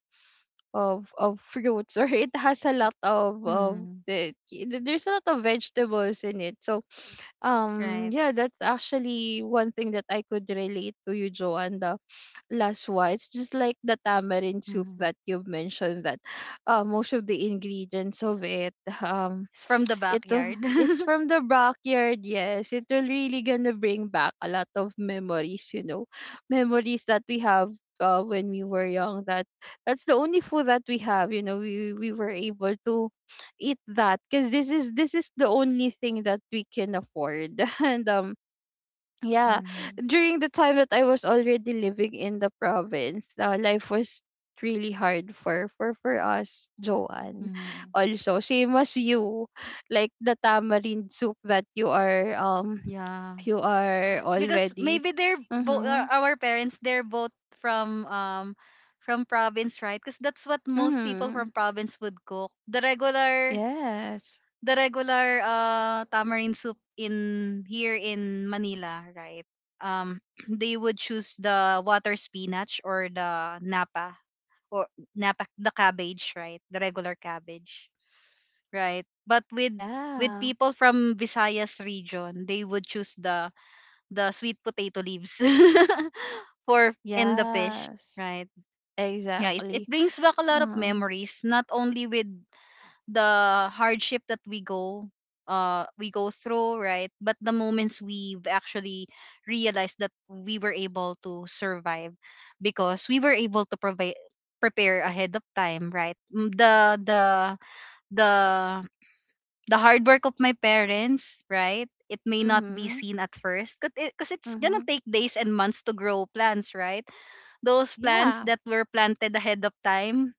[SPEAKER 2] of fruits or it has a lot of
[SPEAKER 1] Mm-hmm.
[SPEAKER 2] there's a lot of vegetables in it. So
[SPEAKER 1] Right.
[SPEAKER 2] yeah, that's actually one thing that I could relate to you, Joanne. The last one, it's just like the tamarind soup
[SPEAKER 1] Mm-hmm.
[SPEAKER 2] that you mentioned that most of the ingredients of it um
[SPEAKER 1] It's from the backyard.
[SPEAKER 2] it's from the backyard, yes. It will really gonna bring back a lot of memories, you know. Memories that we have when we were young, that that's the only food that we have. You know, we were able to eat that because this is the only thing that we can afford. And yeah,
[SPEAKER 1] Mm-hmm.
[SPEAKER 2] during the time that I was already living in the province, life was really hard for us, Joanne.
[SPEAKER 1] Mhm.
[SPEAKER 2] Also same as you, like the tamarind soup that
[SPEAKER 1] Yeah.
[SPEAKER 2] you are
[SPEAKER 1] Because
[SPEAKER 2] already
[SPEAKER 1] maybe they're both
[SPEAKER 2] mm-hmm
[SPEAKER 1] our parents, they're both from um from province, right? Because that's what most people
[SPEAKER 2] mm-hmm
[SPEAKER 1] from province would cook. The regular
[SPEAKER 2] yes
[SPEAKER 1] tamarind soup in here in Manila, right? Um they would choose the water spinach or the napa or napa the cabbage, right? The regular cabbage, right? But with
[SPEAKER 2] yeah
[SPEAKER 1] people from Visayas region, they would choose the sweet potato leaves for in the fish,
[SPEAKER 2] yes
[SPEAKER 1] right? Yeah, it
[SPEAKER 2] exactly
[SPEAKER 1] brings back a lot of
[SPEAKER 2] um
[SPEAKER 1] memories, not only with the hardship that we go through, right? But the moments we've actually realized that we were able to survive because we were able to provide prepare ahead of time, right? Mm, the the the hard work of my parents, right? It may not be
[SPEAKER 2] mm-hmm
[SPEAKER 1] seen at first because it's gonna
[SPEAKER 2] mm-hmm
[SPEAKER 1] take days and months to grow plants, right? Those plants
[SPEAKER 2] yeah.
[SPEAKER 1] that were planted ahead of time,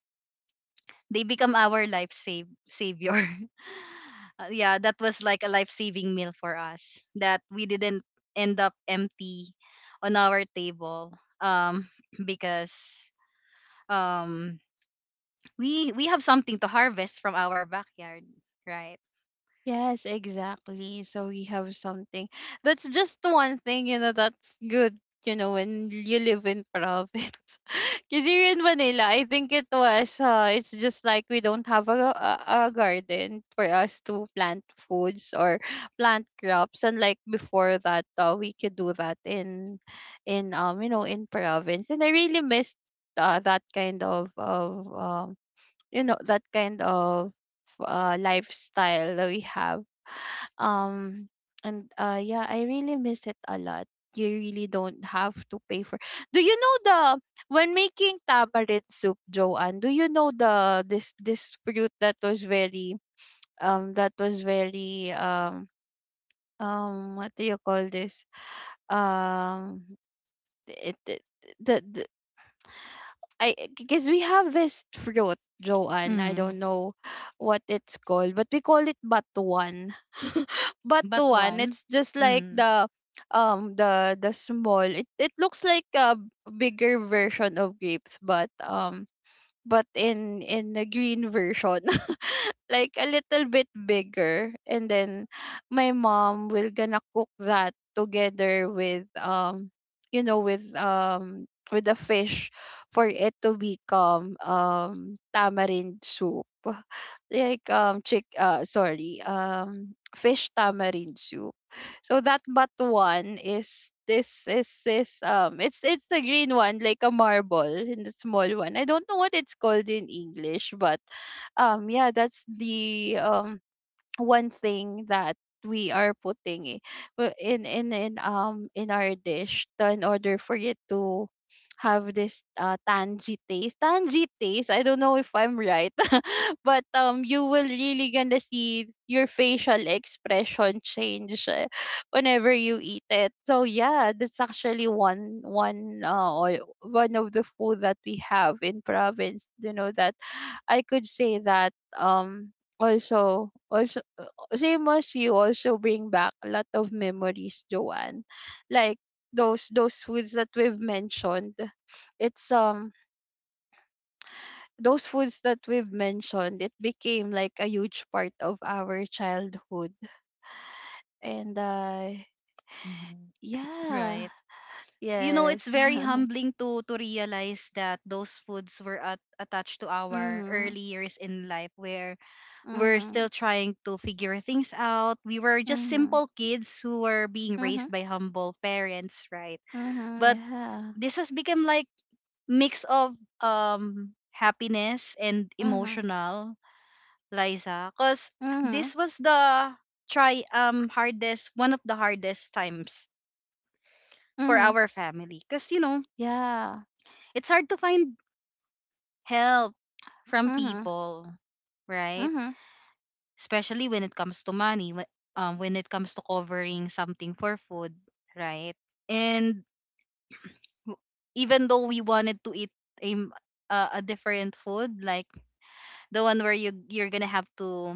[SPEAKER 1] they become our life save savior. Yeah, that was like a life saving meal for us that we didn't end up empty on our table, um, because um, we have something to harvest from our backyard, right?
[SPEAKER 2] Yes, exactly. So we have something. That's just one thing, you know, that's good, you know, when you live in province. Because here in Manila, I think it was, it's just like we don't have a garden for us to plant foods or plant crops. And like before that, we could do that in, you know, in province. And I really missed that kind of, you know, that kind of, lifestyle that we have, um, and yeah, I really miss it a lot. You really don't have to pay for. Do you know the when making tamarind soup, Joanne? Do you know the this fruit that was very um that was very um what do you call this um it, it the, I, because we have this fruit, Joanne. I
[SPEAKER 1] Mm.
[SPEAKER 2] don't know what it's called, but we call it batuan.
[SPEAKER 1] But
[SPEAKER 2] Batuan.
[SPEAKER 1] one,
[SPEAKER 2] It's just like
[SPEAKER 1] mm,
[SPEAKER 2] the the small. It looks like a bigger version of grapes, but but in the green version, like a little bit bigger. And then my mom will gonna cook that together with you know with the fish for it to become tamarind soup. Like chick, sorry, fish tamarind soup. So that, but one is this it's the green one, like a marble, in the small one. I don't know what it's called in English, but yeah, that's the one thing that we are putting in our dish, in order for it to have this tangy taste. Tangy taste. I don't know if I'm right, but you will really gonna see your facial expression change, whenever you eat it. So yeah, that's actually one of the food that we have in province. You know that i could say that also, same as you, also bring back a lot of memories, Joanne. Like those those foods that we've mentioned it's um those foods that we've mentioned, it became like a huge part of our childhood. And
[SPEAKER 1] Mhm.
[SPEAKER 2] yeah,
[SPEAKER 1] Right. You know, it's
[SPEAKER 2] yes.
[SPEAKER 1] very humbling to realize that those foods were at, attached to our
[SPEAKER 2] Mhm.
[SPEAKER 1] early years in life where we're
[SPEAKER 2] Mhm.
[SPEAKER 1] still trying to figure things out. We were just
[SPEAKER 2] Mhm.
[SPEAKER 1] simple kids who were being raised
[SPEAKER 2] Mhm.
[SPEAKER 1] by humble parents, right?
[SPEAKER 2] Mhm.
[SPEAKER 1] But
[SPEAKER 2] Yeah.
[SPEAKER 1] this has become like mix of happiness and
[SPEAKER 2] Mhm.
[SPEAKER 1] emotional, Liza, cuz
[SPEAKER 2] Mhm.
[SPEAKER 1] this was the try hardest one of the hardest times for
[SPEAKER 2] Mhm.
[SPEAKER 1] our family because you know
[SPEAKER 2] Yeah.
[SPEAKER 1] it's hard to find help from
[SPEAKER 2] Mhm.
[SPEAKER 1] people, right?
[SPEAKER 2] Mhm.
[SPEAKER 1] Especially when it comes to money, when it comes to covering something for food, right? And w- even though we wanted to eat a, m- a different food, like the one where you're gonna have to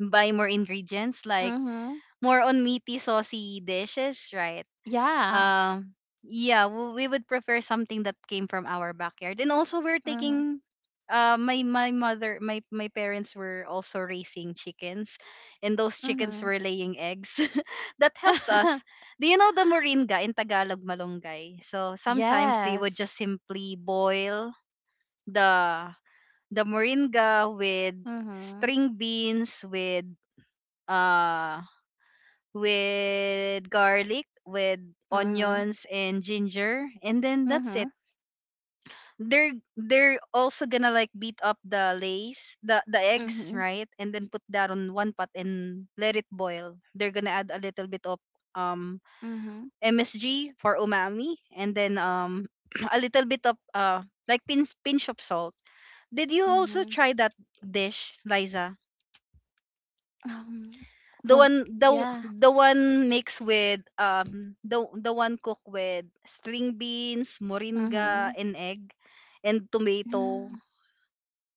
[SPEAKER 1] buy more ingredients, like
[SPEAKER 2] Mhm.
[SPEAKER 1] more on meaty, saucy dishes, right?
[SPEAKER 2] Yeah.
[SPEAKER 1] Um, yeah, we would prefer something that came from our backyard. And also, we're
[SPEAKER 2] Mhm.
[SPEAKER 1] taking. My mother, my parents were also raising chickens, and those chickens
[SPEAKER 2] Mhm.
[SPEAKER 1] were laying eggs. That helps us. Do you know the moringa in Tagalog, malunggay? So sometimes they would
[SPEAKER 2] Yes.
[SPEAKER 1] just simply boil the the moringa with
[SPEAKER 2] Mhm.
[SPEAKER 1] string beans uh with garlic, with
[SPEAKER 2] Mhm.
[SPEAKER 1] onions and ginger, and then that's it.
[SPEAKER 2] Mhm.
[SPEAKER 1] They're also gonna like beat up the the eggs,
[SPEAKER 2] Mhm.
[SPEAKER 1] right? And then put that on one pot and let it boil. They're gonna add a little bit of um
[SPEAKER 2] Mhm.
[SPEAKER 1] MSG for umami, and then a little bit of like pinch of salt. Did you also
[SPEAKER 2] Mhm.
[SPEAKER 1] try that dish, Liza?
[SPEAKER 2] Um,
[SPEAKER 1] The
[SPEAKER 2] well,
[SPEAKER 1] one
[SPEAKER 2] yeah.
[SPEAKER 1] the one mixed with the one cooked with string beans, moringa,
[SPEAKER 2] Mhm.
[SPEAKER 1] and egg, and tomato.
[SPEAKER 2] No.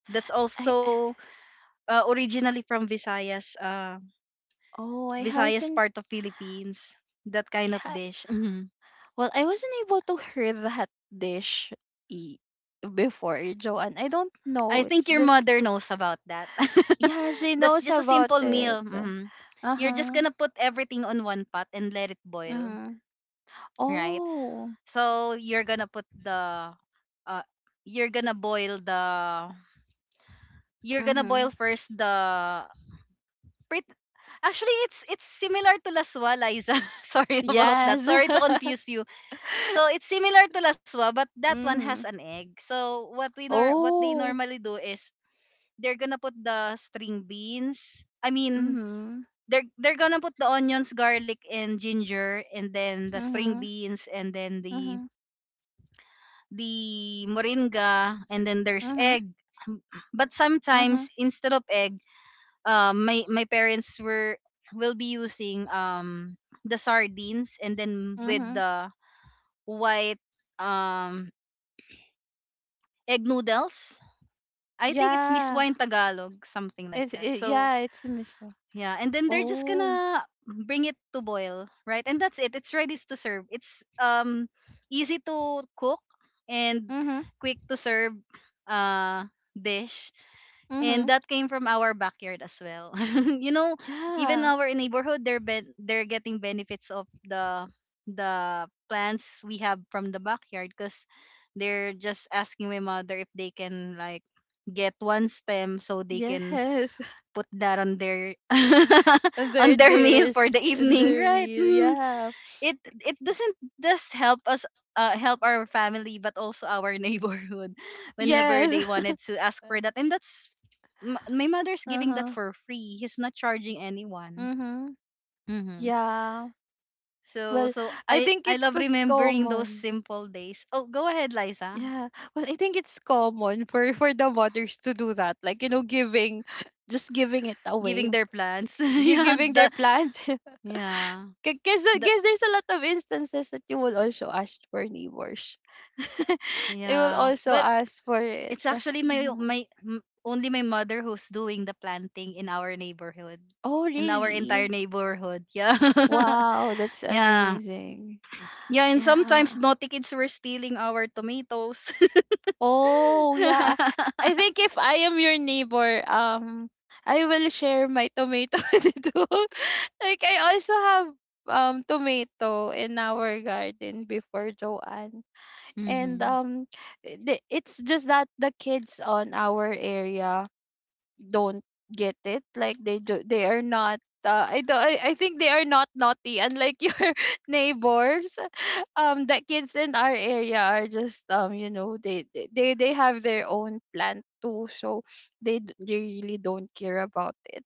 [SPEAKER 1] That's
[SPEAKER 2] I
[SPEAKER 1] also originally from Visayas,
[SPEAKER 2] oh, I
[SPEAKER 1] Visayas
[SPEAKER 2] haven't
[SPEAKER 1] part of Philippines. That kind of
[SPEAKER 2] ha-
[SPEAKER 1] dish. Mhm.
[SPEAKER 2] well, I wasn't able to hear that dish e- before, Joanne. I don't
[SPEAKER 1] I
[SPEAKER 2] know.
[SPEAKER 1] think
[SPEAKER 2] It's
[SPEAKER 1] your
[SPEAKER 2] just
[SPEAKER 1] mother knows about that.
[SPEAKER 2] yeah, she
[SPEAKER 1] That's
[SPEAKER 2] knows
[SPEAKER 1] just a
[SPEAKER 2] about
[SPEAKER 1] simple
[SPEAKER 2] it.
[SPEAKER 1] meal. Mhm. You're just
[SPEAKER 2] Uh-huh.
[SPEAKER 1] gonna put everything on one pot and let it boil,
[SPEAKER 2] Mm-hmm.
[SPEAKER 1] right?
[SPEAKER 2] Oh.
[SPEAKER 1] So you're gonna put the uh you're gonna boil the you're gonna
[SPEAKER 2] Mm-hmm.
[SPEAKER 1] boil first the pret- actually it's similar to laswa Liza. Sorry about that.
[SPEAKER 2] Yes.
[SPEAKER 1] Sorry to confuse you. So it's similar to laswa, but that one has
[SPEAKER 2] Mm-hmm.
[SPEAKER 1] an egg. So what we nor what they
[SPEAKER 2] Oh.
[SPEAKER 1] normally do is they're gonna put the string beans. I mean
[SPEAKER 2] Mm-hmm.
[SPEAKER 1] they're gonna put the onions, garlic and ginger and then the string
[SPEAKER 2] Mm-hmm.
[SPEAKER 1] beans and then the
[SPEAKER 2] Mm-hmm.
[SPEAKER 1] the moringa, and then there's
[SPEAKER 2] Mm-hmm.
[SPEAKER 1] egg. Um, But
[SPEAKER 2] Mm-hmm.
[SPEAKER 1] sometimes instead of egg, my parents were will be using the sardines and then with
[SPEAKER 2] Mm-hmm.
[SPEAKER 1] the white um egg noodles. I think it's Miss
[SPEAKER 2] Yeah.
[SPEAKER 1] Wine Tagalog, something like that. So
[SPEAKER 2] Yeah, it's miso.
[SPEAKER 1] yeah, and then they're just
[SPEAKER 2] Oh.
[SPEAKER 1] gonna bring it to boil, right? And that's it. It's ready to serve. It's easy to cook and
[SPEAKER 2] Mm-hmm.
[SPEAKER 1] quick to serve uh dish. And
[SPEAKER 2] Mhm.
[SPEAKER 1] that came from our backyard as well. You know, even
[SPEAKER 2] Yeah.
[SPEAKER 1] our neighborhood they're getting benefits of the plants we have from the backyard because they're just asking my mother if they can like get one stem so they can
[SPEAKER 2] Yes.
[SPEAKER 1] put that on their on
[SPEAKER 2] Their
[SPEAKER 1] their meal for
[SPEAKER 2] dish
[SPEAKER 1] the
[SPEAKER 2] and
[SPEAKER 1] evening,
[SPEAKER 2] their
[SPEAKER 1] right?
[SPEAKER 2] meal.
[SPEAKER 1] Mhm.
[SPEAKER 2] Yeah.
[SPEAKER 1] It it doesn't just help us help our family but also our neighborhood, whenever they
[SPEAKER 2] Yes.
[SPEAKER 1] wanted to ask for that. And that's my mother's giving that
[SPEAKER 2] Uh-huh.
[SPEAKER 1] for free. He's not charging anyone.
[SPEAKER 2] Mm-hmm.
[SPEAKER 1] hmm
[SPEAKER 2] Yeah.
[SPEAKER 1] So
[SPEAKER 2] Well,
[SPEAKER 1] so
[SPEAKER 2] I
[SPEAKER 1] I
[SPEAKER 2] think
[SPEAKER 1] I
[SPEAKER 2] it
[SPEAKER 1] love
[SPEAKER 2] was
[SPEAKER 1] remembering those
[SPEAKER 2] common.
[SPEAKER 1] simple days. Oh, go ahead, Liza.
[SPEAKER 2] Yeah. Well, I think it's common for the mothers to do that. Like, you know, giving just giving it away.
[SPEAKER 1] Giving their plans.
[SPEAKER 2] They're
[SPEAKER 1] Yeah,
[SPEAKER 2] giving
[SPEAKER 1] the
[SPEAKER 2] their plants.
[SPEAKER 1] yeah.
[SPEAKER 2] Because I
[SPEAKER 1] The
[SPEAKER 2] guess there's a lot of instances that you will also ask for neighbors. They will
[SPEAKER 1] yeah.
[SPEAKER 2] also
[SPEAKER 1] But
[SPEAKER 2] ask for it.
[SPEAKER 1] It's actually
[SPEAKER 2] Mm-hmm.
[SPEAKER 1] only my mother who's doing the planting in our neighborhood,
[SPEAKER 2] Oh,
[SPEAKER 1] in our entire
[SPEAKER 2] really?
[SPEAKER 1] neighborhood. Yeah,
[SPEAKER 2] Wow, that's
[SPEAKER 1] yeah,
[SPEAKER 2] amazing.
[SPEAKER 1] yeah. And sometimes
[SPEAKER 2] Yeah.
[SPEAKER 1] naughty kids were stealing our tomatoes.
[SPEAKER 2] Oh, yeah. I think if I am your neighbor, I will share my tomato with you. Like, I also have tomato in our garden before, Joanne. And
[SPEAKER 1] Mm-hmm.
[SPEAKER 2] it's just that the kids on our area don't get it. Like, they do, they are not I, do, I think they are not naughty unlike your neighbors. The kids in our area are just they have their own plan too, so they really don't care about it.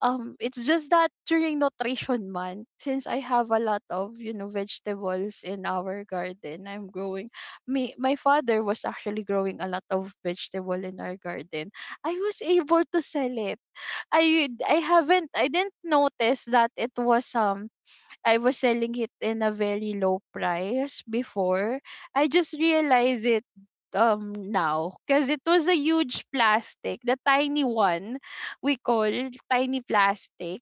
[SPEAKER 2] It's just that during nutrition month, since I have a lot of vegetables in our garden, I'm growing me my father was actually growing a lot of vegetable in our garden. I was able to sell it. I didn't notice that it was I was selling it in a very low price before. I just realized it now, because it was a huge plastic, the tiny one, we call tiny plastic.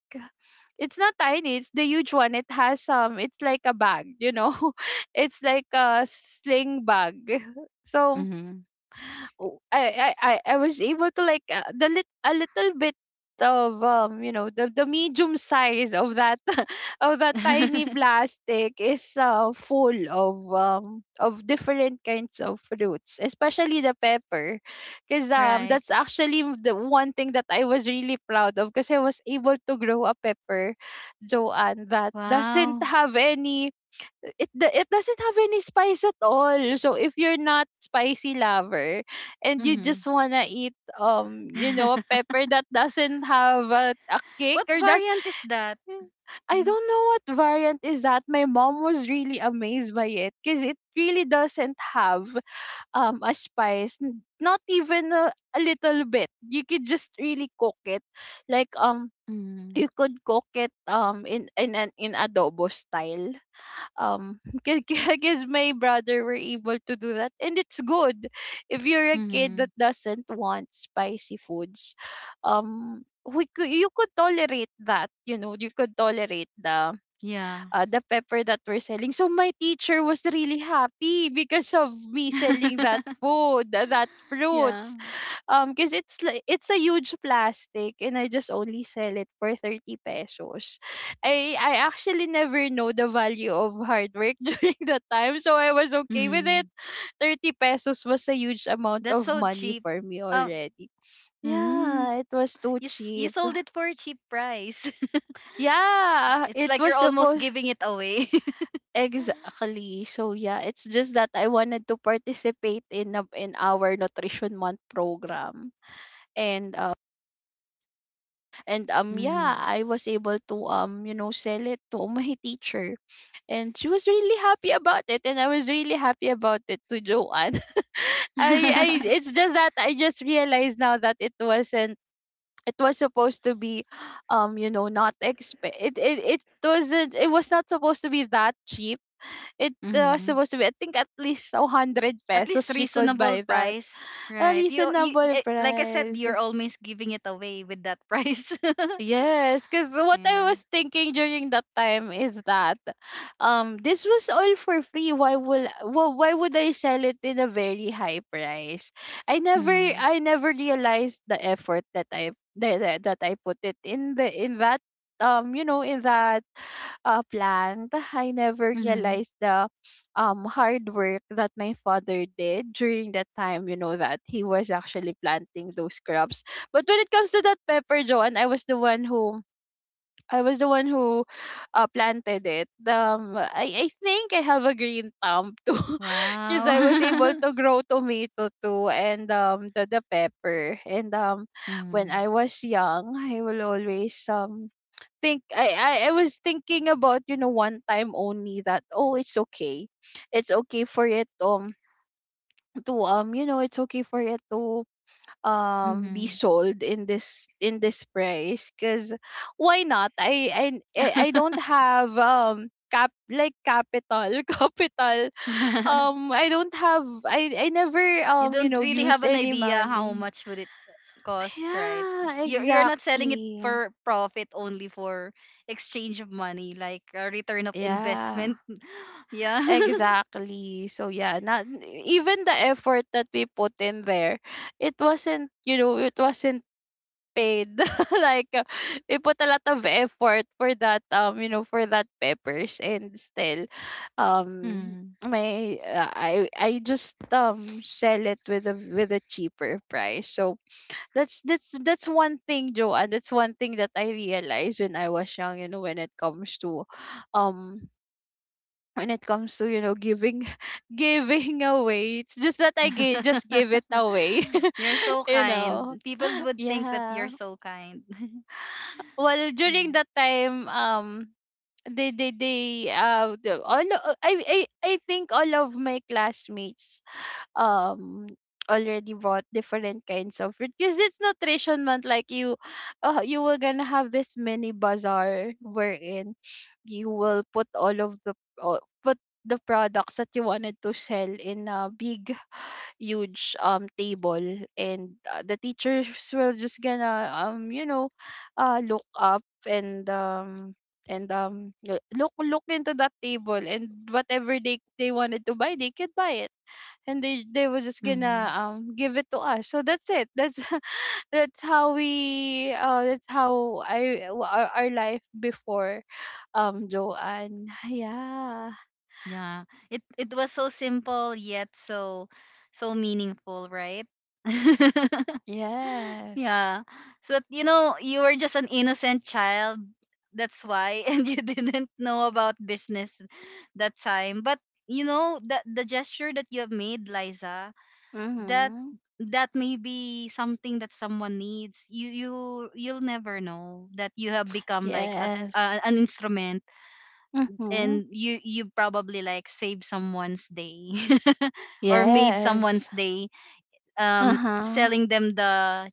[SPEAKER 2] It's not tiny, it's the huge one. It has it's like a bag, you know. It's like a sling bag. So
[SPEAKER 1] Mm-hmm.
[SPEAKER 2] I was able to, like, the lit a little bit of the medium size of that of that tiny plastic is, full of of different kinds of fruits, especially the pepper, because
[SPEAKER 1] Right.
[SPEAKER 2] that's actually the one thing that I was really proud of, because I was able to grow a pepper, Joanne, that doesn't
[SPEAKER 1] Wow.
[SPEAKER 2] have any, it doesn't have any spice at all. So if you're not spicy lover and you
[SPEAKER 1] Mm-hmm.
[SPEAKER 2] just wanna eat, you know, a pepper that doesn't have a kick
[SPEAKER 1] What
[SPEAKER 2] or does,
[SPEAKER 1] variant is that?
[SPEAKER 2] hmm, I don't know what variant is that. My mom was really amazed by it because it really doesn't have a spice, not even a little bit. You could just really cook it, like,
[SPEAKER 1] Mm-hmm.
[SPEAKER 2] you could cook it in adobo style, um because my brother were able to do that, and it's good if you're a kid
[SPEAKER 1] Mm-hmm.
[SPEAKER 2] that doesn't want spicy foods. You could tolerate that, you could tolerate the,
[SPEAKER 1] Yeah.
[SPEAKER 2] the pepper that we're selling. So my teacher was really happy because of me selling that food, that
[SPEAKER 1] Yeah.
[SPEAKER 2] fruits, because it's like it's a huge plastic, and I just only sell it for 30 pesos. I actually never know the value of hard work during that time, so I was okay with it.
[SPEAKER 1] Mm.
[SPEAKER 2] 30 pesos was a huge amount
[SPEAKER 1] That's
[SPEAKER 2] of
[SPEAKER 1] so
[SPEAKER 2] money
[SPEAKER 1] cheap.
[SPEAKER 2] for me
[SPEAKER 1] Um.
[SPEAKER 2] already.
[SPEAKER 1] Mm.
[SPEAKER 2] Yeah, it was too
[SPEAKER 1] You
[SPEAKER 2] cheap.
[SPEAKER 1] sold it for a cheap price.
[SPEAKER 2] Yeah,
[SPEAKER 1] It's
[SPEAKER 2] it
[SPEAKER 1] like you're
[SPEAKER 2] was
[SPEAKER 1] almost
[SPEAKER 2] supposed,
[SPEAKER 1] giving it away.
[SPEAKER 2] exactly. So yeah, it's just that I wanted to participate in in our nutrition month program. And And um yeah,
[SPEAKER 1] Mm-hmm.
[SPEAKER 2] I was able to, you know, sell it to my teacher, and she was really happy about it, and I was really happy about it to Joanne. I, it's just that I just realized now that it wasn't, it was supposed to be not it was not supposed to be that cheap. It, was
[SPEAKER 1] Mm-hmm.
[SPEAKER 2] supposed to be, I think, at least 100
[SPEAKER 1] At least
[SPEAKER 2] pesos she could
[SPEAKER 1] reasonable
[SPEAKER 2] buy that.
[SPEAKER 1] price,
[SPEAKER 2] A
[SPEAKER 1] right?
[SPEAKER 2] reasonable
[SPEAKER 1] Like I said,
[SPEAKER 2] price.
[SPEAKER 1] you're always giving it away with that price.
[SPEAKER 2] Yes, because what I
[SPEAKER 1] Yeah.
[SPEAKER 2] was thinking during that time is that this was all for free. Why would I sell it in a very high price? I never
[SPEAKER 1] Mm-hmm.
[SPEAKER 2] I never realized the effort that I that, that that I put it in the in that um you know in that plant. I never
[SPEAKER 1] Mm-hmm.
[SPEAKER 2] realized the hard work that my father did during that time, you know, that he was actually planting those crops. But when it comes to that pepper, Joanne, I was the one who I was the one who planted it. I think I have a green thumb too, because
[SPEAKER 1] Wow.
[SPEAKER 2] I was able to grow tomato too, and the pepper. And when
[SPEAKER 1] Mm-hmm.
[SPEAKER 2] I was young, I will always think, I was thinking about, one time only, that oh, it's okay for it, to it's okay for it to be sold in this, in this price, because why not, I, I, I don't have cap, like, capital, capital.
[SPEAKER 1] Mm-hmm.
[SPEAKER 2] I don't have I never,
[SPEAKER 1] You don't really have
[SPEAKER 2] use
[SPEAKER 1] an
[SPEAKER 2] any
[SPEAKER 1] idea how
[SPEAKER 2] money.
[SPEAKER 1] much would it cost, right?
[SPEAKER 2] Yeah,
[SPEAKER 1] You're not selling it
[SPEAKER 2] exactly.
[SPEAKER 1] for profit, only for exchange of money, like a return of
[SPEAKER 2] Yeah,
[SPEAKER 1] investment. Yeah.
[SPEAKER 2] exactly. So yeah, not even the effort that we put in there, it wasn't, it wasn't paid. Like, we put a lot of effort for that, for that peppers, and still, um
[SPEAKER 1] Mm.
[SPEAKER 2] my I just sell it with a cheaper price. So that's one thing, Joanne. That's one thing that I realized when I was young, you know, when it comes to, um when it comes to, giving, giving away, it's just that just give it away.
[SPEAKER 1] You're so
[SPEAKER 2] You
[SPEAKER 1] kind.
[SPEAKER 2] know.
[SPEAKER 1] People would think that
[SPEAKER 2] Yeah.
[SPEAKER 1] you're so kind.
[SPEAKER 2] Well, during
[SPEAKER 1] Right.
[SPEAKER 2] that time, they the, all o- I think all of my classmates um already bought different kinds of fruit because it's nutrition month. Like, you were gonna have this mini bazaar, wherein you will put all of the, put the products that you wanted to sell in a big huge table. And, the teachers will just gonna look up and look into that table, and whatever they wanted to buy, they could buy it, and they were just
[SPEAKER 1] Mm-hmm.
[SPEAKER 2] gonna give it to us. So that's it, that's that's how we that's how I our life before, Joanne. Yeah.
[SPEAKER 1] Yeah. It was so simple yet so meaningful, right?
[SPEAKER 2] Yes.
[SPEAKER 1] Yeah. So, that, you know, you were just an innocent child. That's why. And you didn't know about business that time. But, you know, that the gesture that you have made, Liza, that
[SPEAKER 2] Mm-hmm.
[SPEAKER 1] that may be something that someone needs. You you'll never know that you have become like
[SPEAKER 2] Yes.
[SPEAKER 1] a an instrument,
[SPEAKER 2] Mm-hmm.
[SPEAKER 1] and you probably like saved someone's day or made someone's
[SPEAKER 2] Yes.
[SPEAKER 1] day um
[SPEAKER 2] Uh-huh.
[SPEAKER 1] selling them the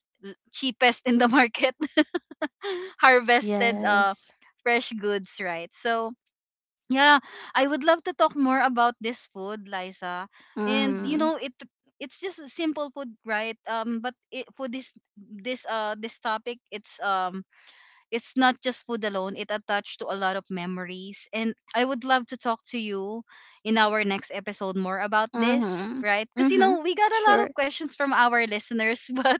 [SPEAKER 1] cheapest in the market. Harvested
[SPEAKER 2] Yes.
[SPEAKER 1] fresh goods, right? So yeah, I would love to talk more about this food, Liza. And you
[SPEAKER 2] Mm.
[SPEAKER 1] know, it's just a simple food, right? But it, for this this topic, it's not just food alone, it attached to a lot of memories, and I would love to talk to you in our next episode more about this,
[SPEAKER 2] Mhm.
[SPEAKER 1] right? Because you
[SPEAKER 2] Mhm.
[SPEAKER 1] know we got a lot
[SPEAKER 2] Sure.
[SPEAKER 1] of questions from our listeners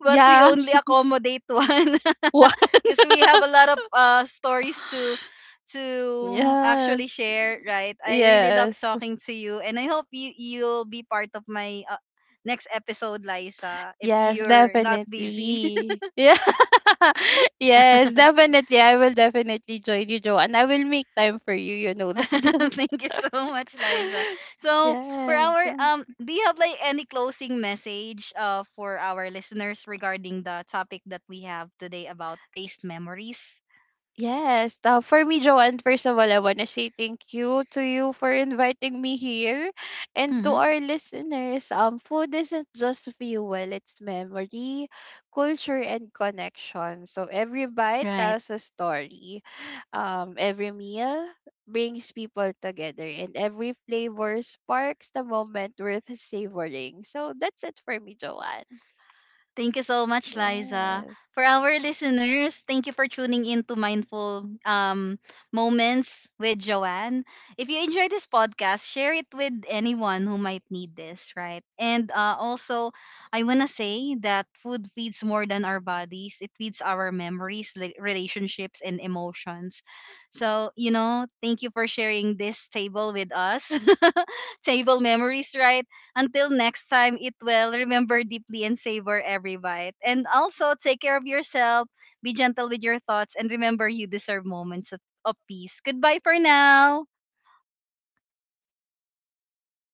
[SPEAKER 1] but we
[SPEAKER 2] Yeah.
[SPEAKER 1] only accommodate one
[SPEAKER 2] What?
[SPEAKER 1] because we have a lot of stories to
[SPEAKER 2] Yeah.
[SPEAKER 1] actually share, right? I really love
[SPEAKER 2] Yes.
[SPEAKER 1] talking to you and I hope you'll be part of my next episode, Liza, if
[SPEAKER 2] Yes,
[SPEAKER 1] you're not busy.
[SPEAKER 2] definitely. Yeah. Yes, definitely. I will definitely join you, Joe, and I will make time for you. You know that.
[SPEAKER 1] Thank you so much, Liza. So, for
[SPEAKER 2] Yes.
[SPEAKER 1] our do you have like any closing message for our listeners regarding the topic that we have today about taste memories?
[SPEAKER 2] Yes. For me, Joanne, first of all, I want to say thank you to you for inviting me here. And to
[SPEAKER 1] Mm-hmm.
[SPEAKER 2] our listeners, food isn't just fuel, it's memory, culture, and connection. So every bite
[SPEAKER 1] Right.
[SPEAKER 2] tells a story. Every meal brings people together, and every flavor sparks the moment worth savoring. So that's it for me, Joanne.
[SPEAKER 1] Thank you so much, Liza.
[SPEAKER 2] Yes.
[SPEAKER 1] For our listeners, thank you for tuning in to Mindful Moments with Joanne. If you enjoy this podcast, share it with anyone who might need this, right? And also, I want to say that food feeds more than our bodies, it feeds our memories, relationships, and emotions. So, you know, thank you for sharing this table with us. Table memories, right? Until next time, eat well, remember deeply, and savor every bite. And also, take care of yourself, be gentle with your thoughts, and remember you deserve moments of peace. Goodbye for now.